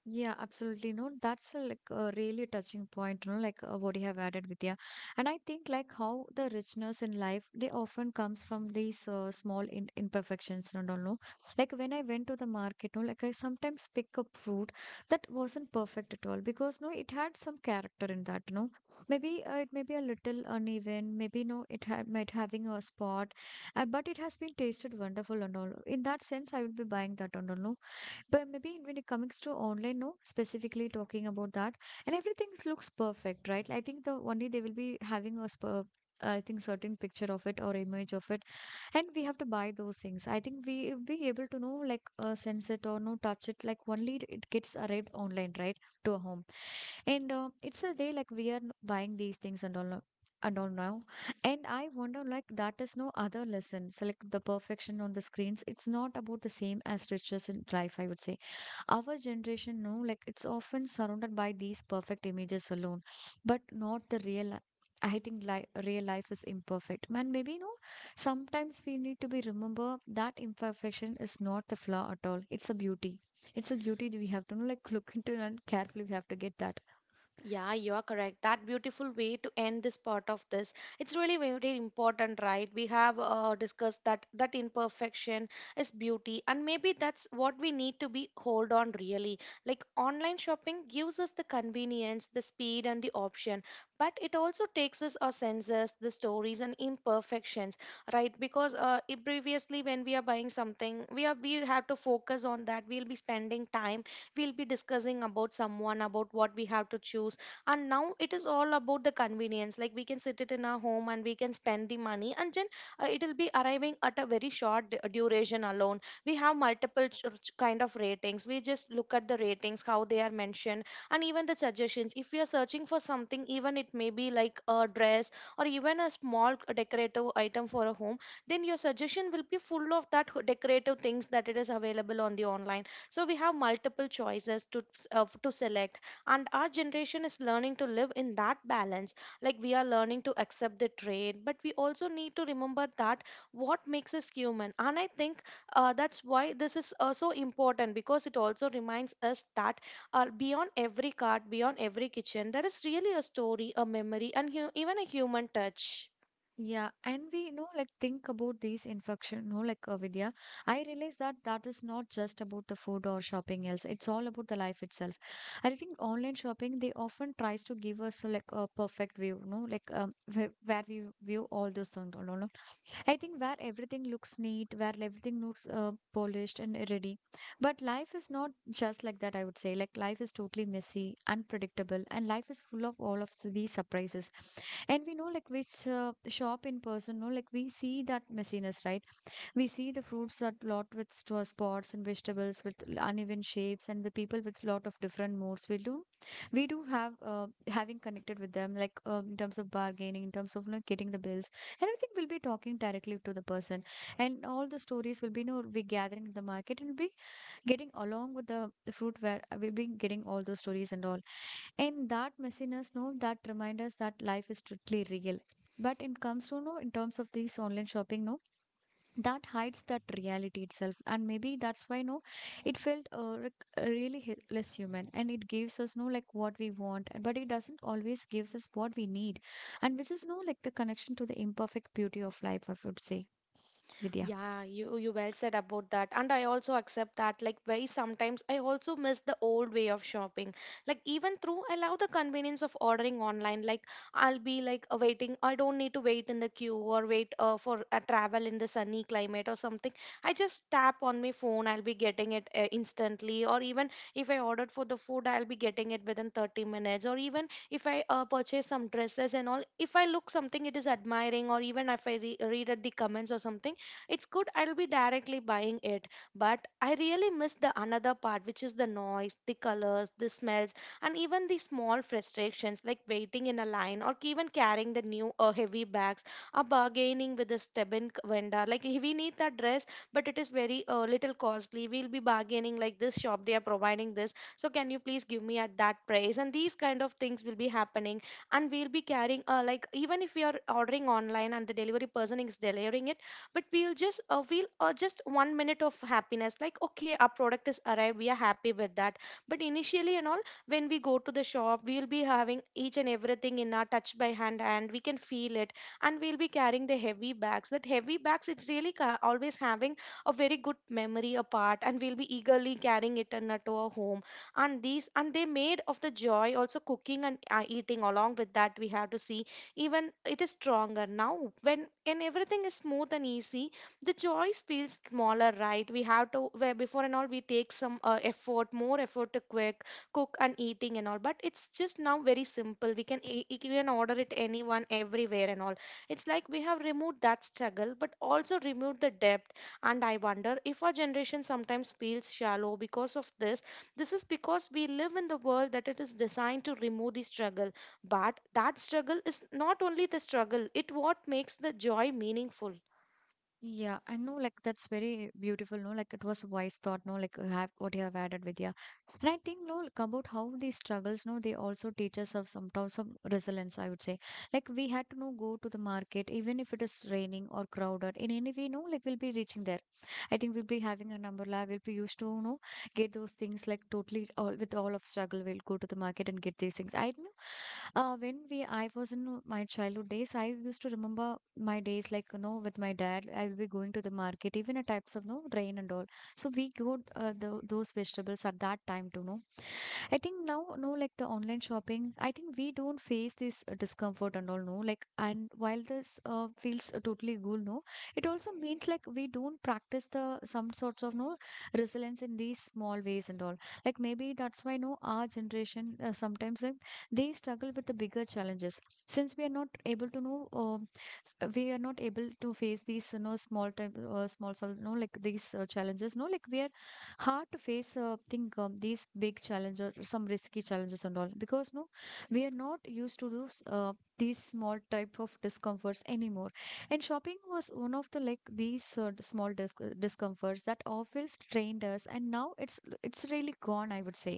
Yeah, absolutely. No, that's a, like a really touching point, you know, like, uh, what you have added, Vidya. And I think like how the richness in life, they often comes from these, uh, small in imperfections and all, no? Like when I went to the market, no, like I sometimes pick up fruit that wasn't perfect at all because, no, it had some character in that, no? Maybe, uh, it may be a little uneven, maybe, no, it had might having a spot, uh, but it has been tasted wonderful and all. In that sense, I will be buying that and all, no? But maybe when it comes to online, no, specifically talking about that, and everything looks perfect, right? I think the only they will be having a sp- I think certain picture of it or image of it, and we have to buy those things. I think we be able to know like, uh, sense it or no touch it. Like only it it gets arrived online, right, to a home, and, uh, it's a day like we are n- buying these things and all, no- and all now, and I wonder like that is no other lesson. So like the perfection on the screens, it's not about the same as riches in life, I would say. Our generation know like it's often surrounded by these perfect images alone, but not the real li- I think li- real life is imperfect. Man, maybe, you know, sometimes we need to be remember that imperfection is not the flaw at all. It's a beauty. It's a beauty that we have to know, like look into and carefully we have to get that. Yeah, you are correct. That beautiful way to end this part of this. It's really very important, right? We have uh, discussed that that imperfection is beauty, and maybe that's what we need to be hold on really. Like online shopping gives us the convenience, the speed, and the option, but it also takes us our senses, the stories, and imperfections, right? Because uh, i- previously when we are buying something, we are, we have to focus on that. We'll be spending time, we'll be discussing about someone about what we have to choose. And now it is all about the convenience, like we can sit it in our home and we can spend the money, and then uh, it will be arriving at a very short d- duration alone. We have multiple ch- ch- kind of ratings. We just look at the ratings, how they are mentioned. And even the suggestions, if we are searching for something, even it may be like a dress or even a small decorative item for a home, then your suggestion will be full of that ho- decorative things that it is available on the online. So we have multiple choices to uh, to select. And our generation is learning to live in that balance. Like we are learning to accept the trade, but we also need to remember that what makes us human. And I think uh, that's why this is uh, so important, because it also reminds us that uh, beyond every cart, beyond every kitchen, there is really a story, a memory, and hu- even a human touch. Yeah, and we, you know like think about these infection, no, like, uh, Vidya. I realize that that is not just about the food or shopping else. It's all about the life itself. I think online shopping they often tries to give us, uh, like a perfect view, no, like, um, where, where we view all those things, no, no, no. I think where everything looks neat, where everything looks, uh, polished and ready. But life is not just like that, I would say. Like, life is totally messy, unpredictable, and life is full of all of s- these surprises. And we know, like, which, uh, shop in person, no, like, we see that messiness, right? We see the fruits a lot with sto- spots and vegetables with l- uneven shapes and the people with lot of different moods. We do, we do have, uh, having connected with them like, uh, in terms of bargaining, in terms of like getting the bills. And I think we'll be talking directly to the person, and all the stories will be, you know we gathering in the market and we'll be getting along with the, the fruit where, uh, we'll be getting all those stories and all. And that messiness, no, that remind us that life is strictly real. But it comes to no in terms of these online shopping, no, that hides that reality itself and maybe that's why, no, it felt, uh, rec- really hi- less human, and it gives us no like what we want, and- but it doesn't always gives us what we need, and which is no like the connection to the imperfect beauty of life, I would say, Vidya. Yeah, you you well said about that. And I also accept that, like, very sometimes I also miss the old way of shopping. Like even through I love the convenience of ordering online. Like I'll be like uh, waiting. I don't need to wait in the queue or wait uh, for a travel in the sunny climate or something. I just tap on my phone. I'll be getting it uh, instantly. Or even if I ordered for the food, I'll be getting it within thirty minutes. Or even if I uh, purchase some dresses and all, if I look something it is admiring, or even if I re- read at the comments or something, it's good, I'll be directly buying it. But I really miss the another part, which is the noise, the colors, the smells, and even the small frustrations like waiting in a line or even carrying the new or heavy bags, or bargaining with a stubborn c- vendor like, "Hey, we need that dress but it is very uh, little costly, we'll be bargaining like this shop they are providing this, so can you please give me at that price," and these kind of things will be happening. And we'll be carrying uh, like, even if we are ordering online and the delivery person is delivering it, but we'll just uh, feel uh, just one minute of happiness, like okay, our product is arrived, we are happy with that. But initially and all, when we go to the shop, we'll be having each and everything in our touch by hand and we can feel it. And we'll be carrying the heavy bags, that heavy bags, it's really ca- always having a very good memory apart. And we'll be eagerly carrying it in, uh, to our home. And these, and they made of the joy also, cooking and uh, eating along with that, we have to see. Even it is stronger now, when and everything is smooth and easy, the choice feels smaller, right? We have to, where before and all we take some uh, effort, more effort to quick cook and eating and all, but it's just now very simple. We can e- e- even order it anyone everywhere and all. It's like we have removed that struggle, but also removed the depth. And I wonder if our generation sometimes feels shallow because of this. This is because we live in the world that it is designed to remove the struggle. But that struggle is not only the struggle, it what makes the joy meaningful. Yeah, I know, like that's very beautiful, no? Like it was a wise thought, no? Like, uh, have what you have added with yeah. And I think, no, like about how these struggles, no, they also teach us of sometimes some resilience, I would say. Like we had to no go to the market, even if it is raining or crowded. In any way, no, like we'll be reaching there. I think we'll be having an umbrella, we'll be used to, no, get those things like totally all with all of struggle, we'll go to the market and get these things, I know. uh, when we I was in my childhood days, I used to remember my days, like, you know with my dad I will be going to the market even at types of no rain and all. So we got, uh, the, those vegetables at that time to know. I think now, no, like the online shopping, I think we don't face this, uh, discomfort and all, no. Like, and while this, uh, feels totally cool, no, it also means like we don't practice the some sorts of, no, resilience in these small ways and all. Like, maybe that's why, no, our generation, uh, sometimes like, they struggle with the bigger challenges, since we are not able to know. Uh, we are not able to face these, you know small time, uh, small sol- no like these, uh, challenges, no, like we are hard to face, uh, think, um, these big challenges, some risky challenges and all because, no, we are not used to those, uh, these small type of discomforts anymore, and shopping was one of the like these, uh, small dis- discomforts that always trained us, and now it's it's really gone, I would say.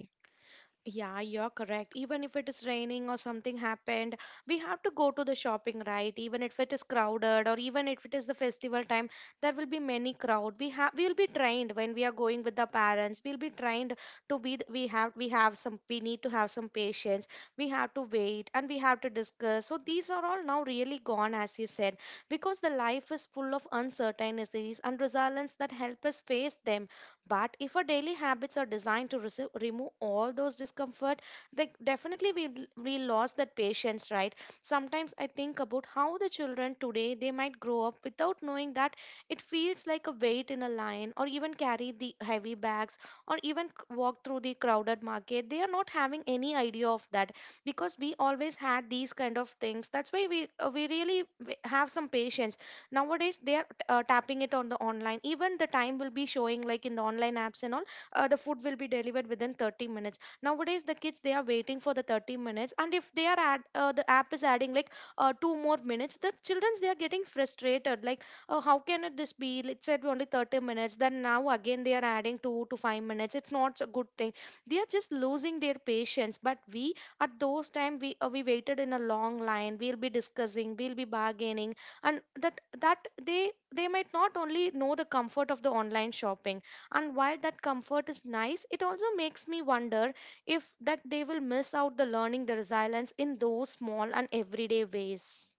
Yeah, you're correct. Even if it is raining or something happened, we have to go to the shopping, right? Even if it is crowded or even if it is the festival time, there will be many crowd. We have we will be trained when we are going with the parents. We'll be trained to be th- we have we have some, we need to have some patience. We have to wait and we have to discuss. So these are all now really gone, as you said, because the life is full of uncertainties and resilience that help us face them. But if our daily habits are designed to receive, remove all those discomfort, they definitely we, we lost that patience, right? Sometimes I think about how the children today, they might grow up without knowing that it feels like a weight in a line, or even carry the heavy bags, or even c- walk through the crowded market. They are not having any idea of that because we always had these kind of things. That's why we uh, we really w- have some patience. Nowadays they are uh, tapping it on the online, even the time will be showing like in the online apps and all. Uh, the food will be delivered within thirty minutes. Nowadays the kids, they are waiting for the thirty minutes, and if they are add uh, the app is adding like uh, two more minutes, the childrens they are getting frustrated like, oh, how can it this be, it said only thirty minutes, then now again they are adding two to five minutes. It's not a good thing, they are just losing their patience. But we, at those time, we uh, we waited in a long line, we'll be discussing, we'll be bargaining. And that that they they might not only know the comfort of the online shopping. And while that comfort is nice, it also makes me wonder if that they will miss out the learning the resilience in those small and everyday ways.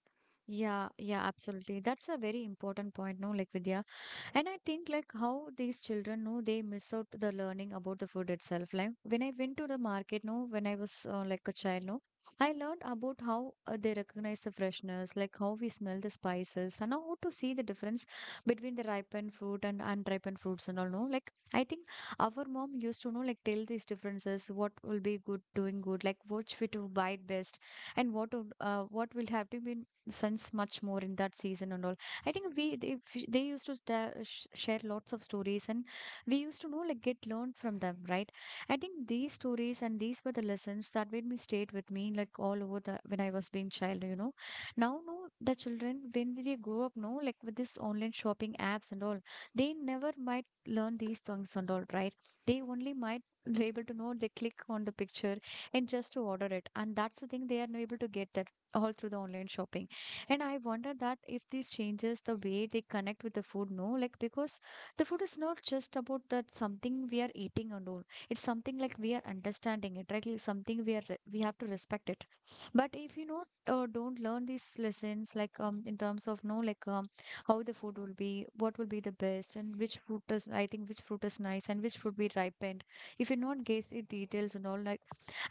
Yeah, yeah, absolutely. That's a very important point, no, like, Vidya. And I think like how these children know they miss out the learning about the food itself. Like when I went to the market, no, when I was, uh, like a child, no, I learned about how, uh, they recognize the freshness, like how we smell the spices, and how to see the difference between the ripened fruit and unripened fruits and all. No, like I think our mom used to know like tell these differences, what will be good, doing good, like what we to buy best, and what would, uh, what will have to be sense much more in that season and all. I think we they, f- they used to sta- sh- share lots of stories, and we used to know like get learned from them, right? I think these stories and these were the lessons that made me stayed with me like all over the when I was being child, you know. Now, no, the children when they grow up, no, like with this online shopping apps and all, they never might learn these things and all, right? They only might be able to know they click on the picture and just to order it, and that's the thing they are not able to get that all through the online shopping. And I wonder that if this changes the way they connect with the food, no? Like, because the food is not just about that something we are eating and all. It's something like we are understanding it, right? Like something we are, re- we have to respect it. But if you know, uh, don't learn these lessons, like, um, in terms of, no, like, um, how the food will be, what will be the best, and which fruit is, I think, which fruit is nice and which fruit be ripened. If you not guess the details and all, like,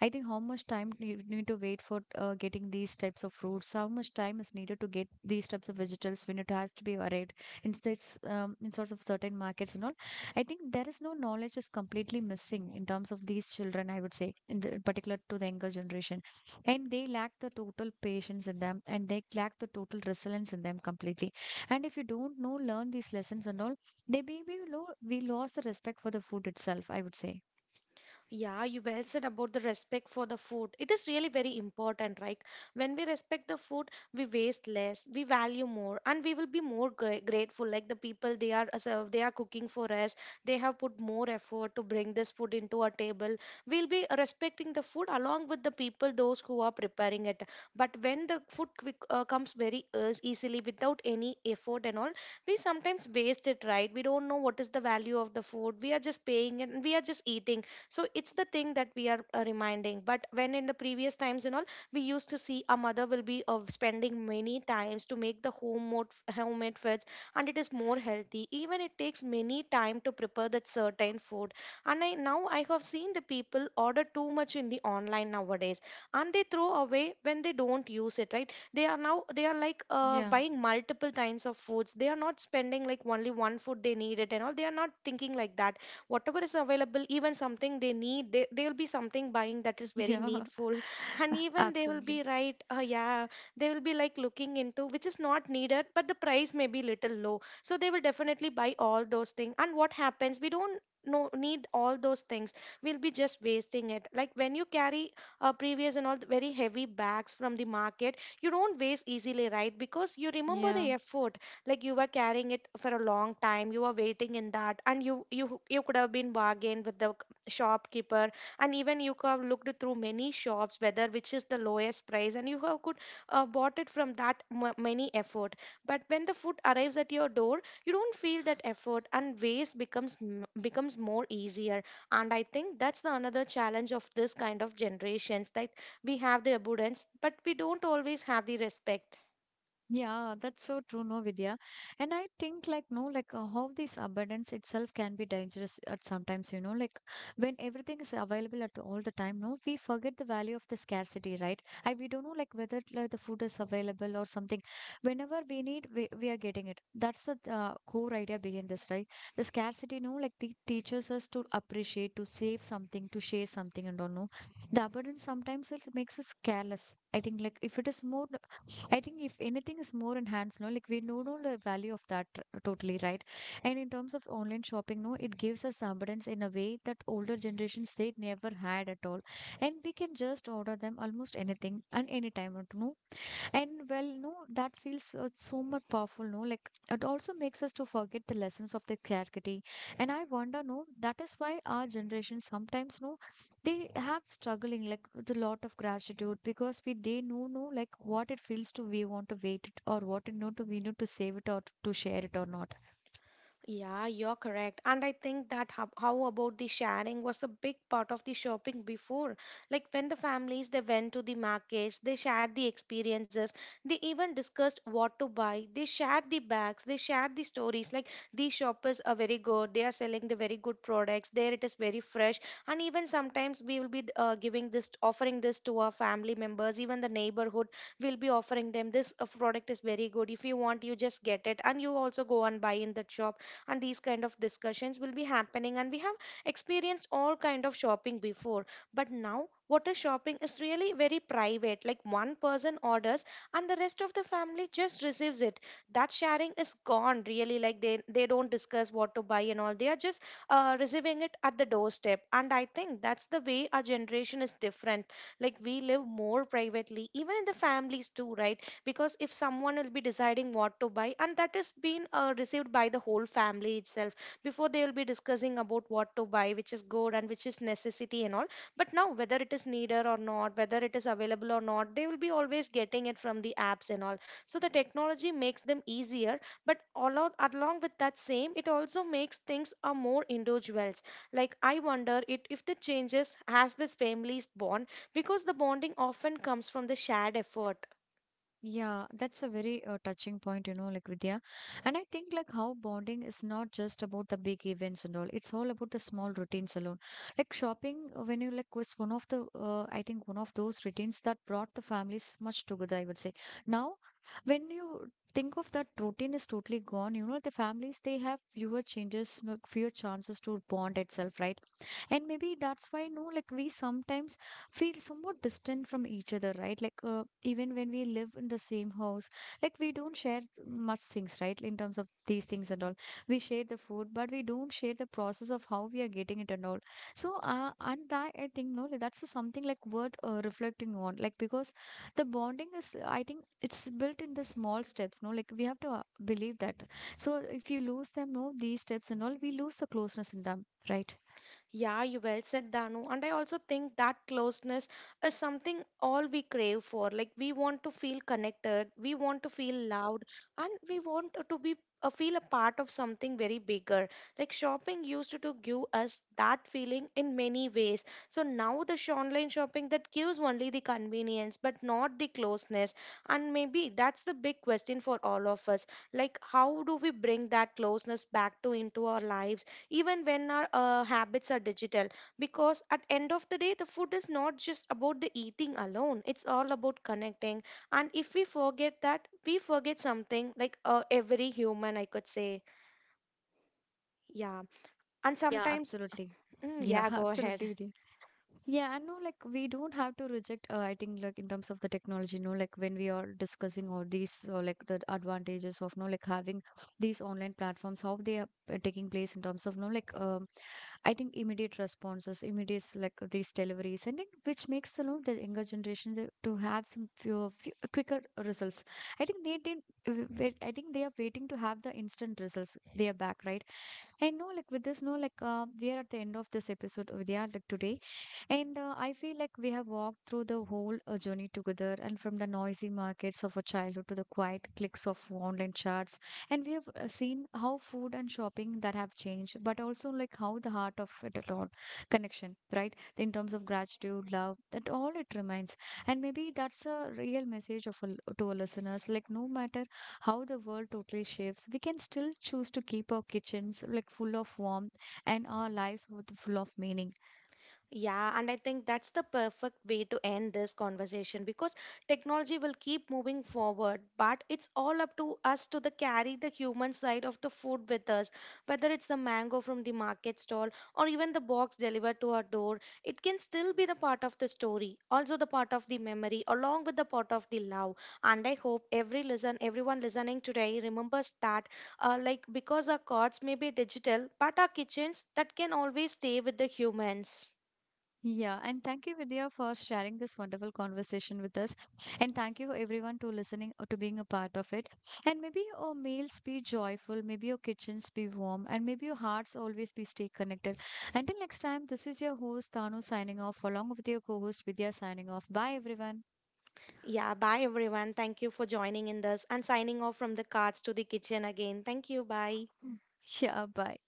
I think how much time do you need to wait for uh, getting these types of fruits? How much time is needed to get these types of vegetables when it has to be varied in states, um, in sorts of certain markets and all? I think there is no knowledge is completely missing in terms of these children. I would say, in the particular to the younger generation, and they lack the total patience in them, and they lack the total resilience in them completely. And if you don't know learn these lessons and all, they maybe lo- we lost the respect for the food itself. I would say. Yeah, you well said about the respect for the food. It is really very important, right? When we respect the food, we waste less, we value more, and we will be more gra- grateful. Like the people, they are as a- they are cooking for us, they have put more effort to bring this food into our table. We'll be respecting the food along with the people those who are preparing it. But when the food quick, uh, comes very eas- easily without any effort and all, we sometimes waste it, right? We don't know what is the value of the food. We are just paying it and we are just eating. So it's the thing that we are uh, reminding. But when in the previous times and all, we used to see a mother will be uh, spending many times to make the homemade homemade foods, and it is more healthy, even it takes many time to prepare that certain food. And I now I have seen the people order too much in the online nowadays, and they throw away when they don't use it, right? They are now, they are like uh, Yeah. buying multiple kinds of foods, they are not spending like only one food they need it and all, they are not thinking like that. Whatever is available, even something they need, they, they will be something buying that is very Yeah, needful. And even they will absolutely. be right, uh, yeah, they will be like looking into which is not needed, but the price may be little low, so they will definitely buy all those things. And what happens, we don't no need all those things, we'll be just wasting it. Like when you carry, uh, previous and all, the very heavy bags from the market, you don't waste easily, right? Because you remember Yeah, the effort. Like you were carrying it for a long time, you were waiting in that, and you you you could have been bargained with the c- shopkeeper. And even you could have looked through many shops whether which is the lowest price, and you have could uh, bought it from that m- many effort. But when the food arrives at your door, you don't feel that effort, and waste becomes m- becomes more easier. And I think that's the another challenge of this kind of generations, that we have the abundance but we don't always have the respect. yeah, that's so true, no, Vidya. And I think, like, no, like, uh, how this abundance itself can be dangerous at sometimes, you know, like, when everything is available at all the time, no, we forget the value of the scarcity, right? And we don't know, like, whether like, the food is available or something. Whenever we need, we, we are getting it. That's the uh, core idea behind this, right? The scarcity, no, like, the teaches us to appreciate, to save something, to share something, and all, no. The abundance sometimes it makes us careless. I think, like, if it is more I think if anything is more enhanced, no, like we know know the value of that r- totally, right? And in terms of online shopping, no, it gives us abundance in a way that older generations they never had at all, and we can just order them almost anything and anytime, no. And well, no, that feels uh, so much powerful, no? Like it also makes us to forget the lessons of the clarity. And I wonder, no, that is why our generation sometimes, no, they have struggling like with a lot of gratitude because we they know, no, like what it feels to we want to wait it or what it know to we know to save it or to share it or not. Yeah, you're correct. And I think that how, how about the sharing was a big part of the shopping before. Like when the families, they went to the markets, they shared the experiences, they even discussed what to buy, they shared the bags, they shared the stories. Like these shoppers are very good, they are selling the very good products, there it is very fresh. And even sometimes we will be uh, giving this, offering this to our family members, even the neighborhood will be offering them, this uh, product is very good. If you want, you just get it, and you also go and buy in that shop. And these kind of discussions will be happening, and we have experienced all kind of shopping before. But now what is shopping is really very private, like one person orders and the rest of the family just receives it. That sharing is gone really, like they they don't discuss what to buy and all, they are just uh, receiving it at the doorstep. And I think that's the way our generation is different, like we live more privately even in the families too, right? Because if someone will be deciding what to buy and that is being uh, received by the whole family itself. Before, they will be discussing about what to buy, which is good and which is necessity and all. But now whether it is needed or not, whether it is available or not, they will be always getting it from the apps and all. So the technology makes them easier, but along, along with that same, it also makes things are more individuals. Like I wonder it if the changes as this families bond, because the bonding often comes from the shared effort. Yeah, that's a very uh, touching point, you know, like Vidya. And I think like how bonding is not just about the big events and all. It's all about the small routines alone. Like shopping, uh, when you like was one of the, uh, I think one of those routines that brought the families much together, I would say. Now, when you think of that routine is totally gone, you know, the families, they have fewer changes, no- fewer chances to bond itself, right? And maybe that's why, no, like, we sometimes feel somewhat distant from each other, right? Like, uh, even when we live in the same house, like, we don't share much things, right? In terms of these things and all, we share the food but we don't share the process of how we are getting it and all. So, uh, and that I think, no, like, that's something like worth uh, reflecting on, like, because the bonding is, I think it's built in the small steps, no, like we have to uh, believe that. So if you lose them, no, these steps and all, we lose the closeness in them, right? Yeah, you well said, Danu. And I also think that closeness is something all we crave for. Like we want to feel connected, we want to feel loved, and we want to be uh, feel a part of something very bigger. Like shopping used to, to give us that feeling in many ways. So now the sh- online shopping, that gives only the convenience, but not the closeness. And maybe that's the big question for all of us. Like how do we bring that closeness back to into our lives, even when our uh, habits are digital? Because at end of the day, the food is not just about the eating alone, it's all about connecting. And if we forget that, we forget something like uh, every human, I could say. Yeah. And Yeah, sometimes, absolutely. mm, Yeah, yeah, go ahead. absolutely with you. Yeah, I know like we don't have to reject uh, I think like in terms of the technology, no. Like when we are discussing all these uh, like the advantages of no like having these online platforms, how they are uh, taking place in terms of no like um I think immediate responses, immediate like these deliveries and then which makes the no the younger generation to to have some few, few uh, quicker results. I think they didn't uh, wait, I think they are waiting to have the instant results. They are back, right? And no, like with this, no, like uh, we are at the end of this episode, Vidya, like today. And uh, I feel like we have walked through the whole uh, journey together and from the noisy markets of our childhood to the quiet clicks of online charts. And we have uh, seen how food and shopping that have changed, but also like how the heart of it all connection, right? In terms of gratitude, love, that all it remains. And maybe that's a real message of a, to our listeners like no matter how the world totally shifts, we can still choose to keep our kitchens like full of warmth and our lives with full of meaning. Yeah, and I think that's the perfect way to end this conversation, because technology will keep moving forward, but it's all up to us to the carry the human side of the food with us. Whether it's a mango from the market stall or even the box delivered to our door, it can still be the part of the story, also the part of the memory, along with the part of the love. And I hope every listen, everyone listening today remembers that, uh, like because our cards may be digital, but our kitchens that can always stay with the humans. Yeah, and thank you, Vidya, for sharing this wonderful conversation with us. And thank you, everyone, to listening or to being a part of it. And maybe your meals be joyful, maybe your kitchens be warm, and maybe your hearts always be stay connected. Until next time, this is your host, Tanu, signing off, along with your co host, Vidya, signing off. Bye, everyone. Yeah, bye everyone. Thank you for joining in this and signing off from the cards to the kitchen again. Thank you. Bye. Yeah, bye.